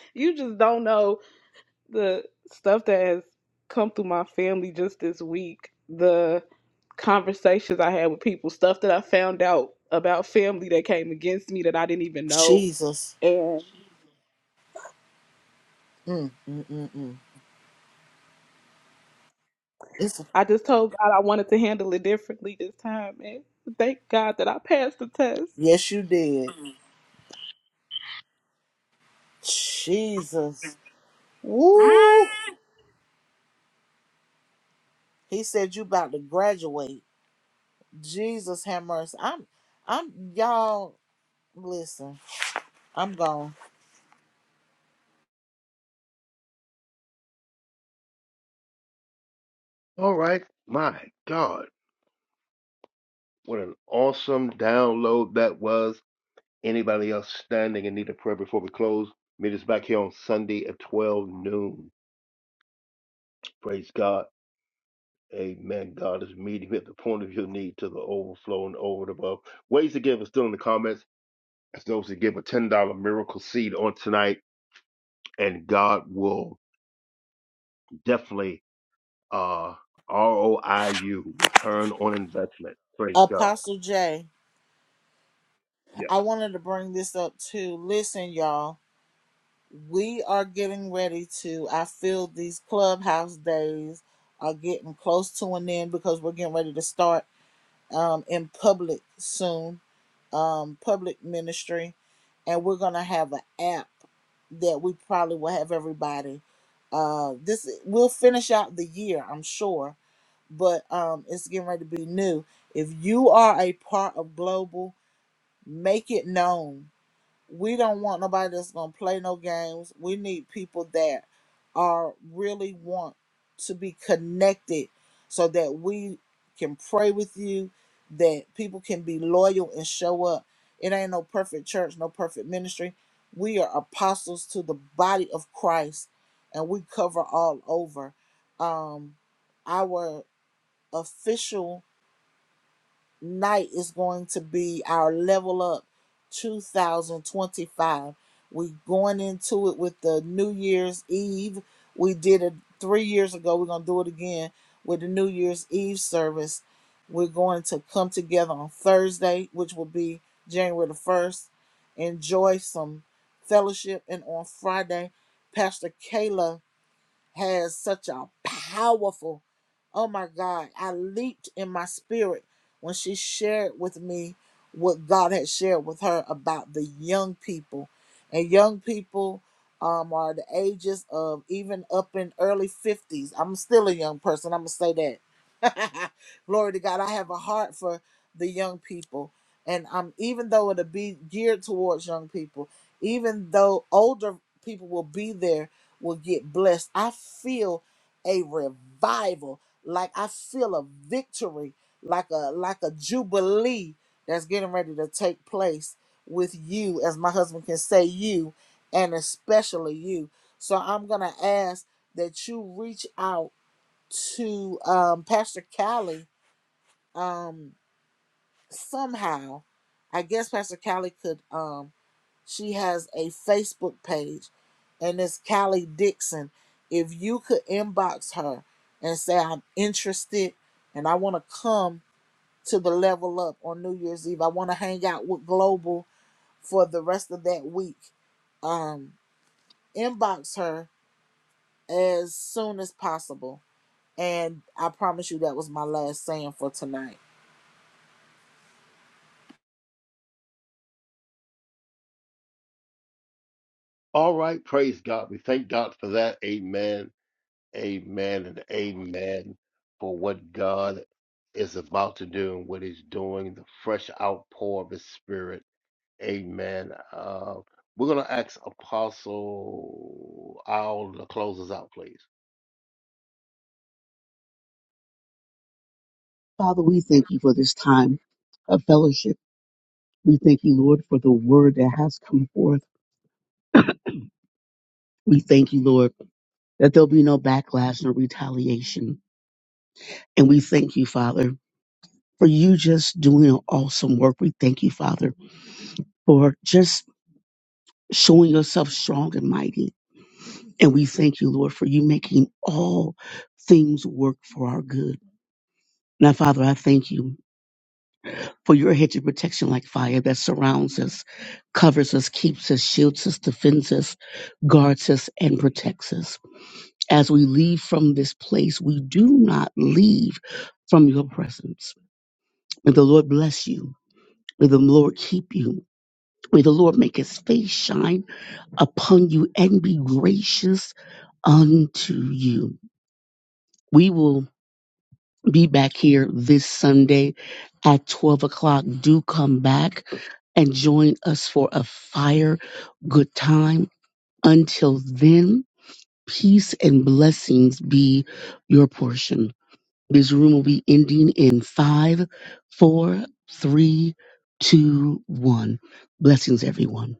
S6: you just don't know the stuff that has come through my family just this week. The conversations I had with people, stuff that I found out about family that came against me that I didn't even know.
S3: Jesus.
S6: And
S3: Mm, mm, mm, mm. It's a,
S6: I just told God I wanted to handle it differently this time. And thank God that I passed the test.
S3: yes, you did. Jesus. Woo. He said you about to graduate. Jesus have mercy. I'm I'm y'all listen. I'm gone.
S2: All right, my God. What an awesome download that was. Anybody else standing in need of prayer before we close? Meet us back here on Sunday at 12 noon. Praise God. Amen. God is meeting you at the point of your need to the overflow and over and above. Ways to give are still in the comments. As those that give a $10 miracle seed on tonight, and God will definitely uh ROIU, return on investment. Praise God.
S3: Apostle J.
S2: Yes.
S3: I wanted to bring this up too. Listen, y'all, we are getting ready to. I feel these clubhouse days are getting close to an end because we're getting ready to start um, in public soon, um, public ministry, and we're gonna have an app that we probably will have everybody. Uh, this we'll finish out the year, I'm sure, but um, it's getting ready to be new. If you are a part of global, make it known we don't want nobody that's gonna play no games. We need people that are really want to be connected so that we can pray with you, that people can be loyal and show up. It ain't no perfect church, no perfect ministry. We are apostles to the body of Christ and we cover all over. Um our official night is going to be our level up 2025. We're going into it with the New Year's Eve. We did it three years ago. We're going to do it again with the New Year's Eve service. We're going to come together on Thursday, which will be January the 1st. Enjoy some fellowship. And on Friday, Pastor Kayla has such a powerful oh my god i leaped in my spirit when she shared with me what god had shared with her about the young people and young people um, are the ages of even up in early 50s i'm still a young person i'm gonna say that glory to god i have a heart for the young people and um, even though it'll be geared towards young people even though older people will be there will get blessed. I feel a revival, like I feel a victory, like a like a jubilee that's getting ready to take place with you, as my husband can say you, and especially you. So I'm gonna ask that you reach out to um, Pastor Callie. Um, somehow, I guess Pastor Callie could um she has a Facebook page and it's Callie Dixon. If you could inbox her and say I'm interested and I want to come to the level up on New Year's Eve. I want to hang out with Global for the rest of that week. Um inbox her as soon as possible. And I promise you that was my last saying for tonight.
S2: All right. Praise God. We thank God for that. Amen. Amen and amen for what God is about to do and what He's doing, the fresh outpour of His Spirit. Amen. Uh, we're going to ask Apostle Owl to close us out, please.
S5: Father, we thank you for this time of fellowship. We thank you, Lord, for the word that has come forth. We thank you, Lord, that there'll be no backlash, no retaliation. And we thank you, Father, for you just doing an awesome work. We thank you, Father, for just showing yourself strong and mighty. And we thank you, Lord, for you making all things work for our good. Now, Father, I thank you. for your hedge of protection like fire that surrounds us, covers us, keeps us, shields us, defends us, guards us, and protects us. As we leave from this place, we do not leave from your presence. May the Lord bless you. May the Lord keep you. May the Lord make his face shine upon you and be gracious unto you. We will be back here this Sunday at 12 o'clock. Do come back and join us for a fire good time. Until then, peace and blessings be your portion. This room will be ending in five, four, three, two, one. Blessings, everyone.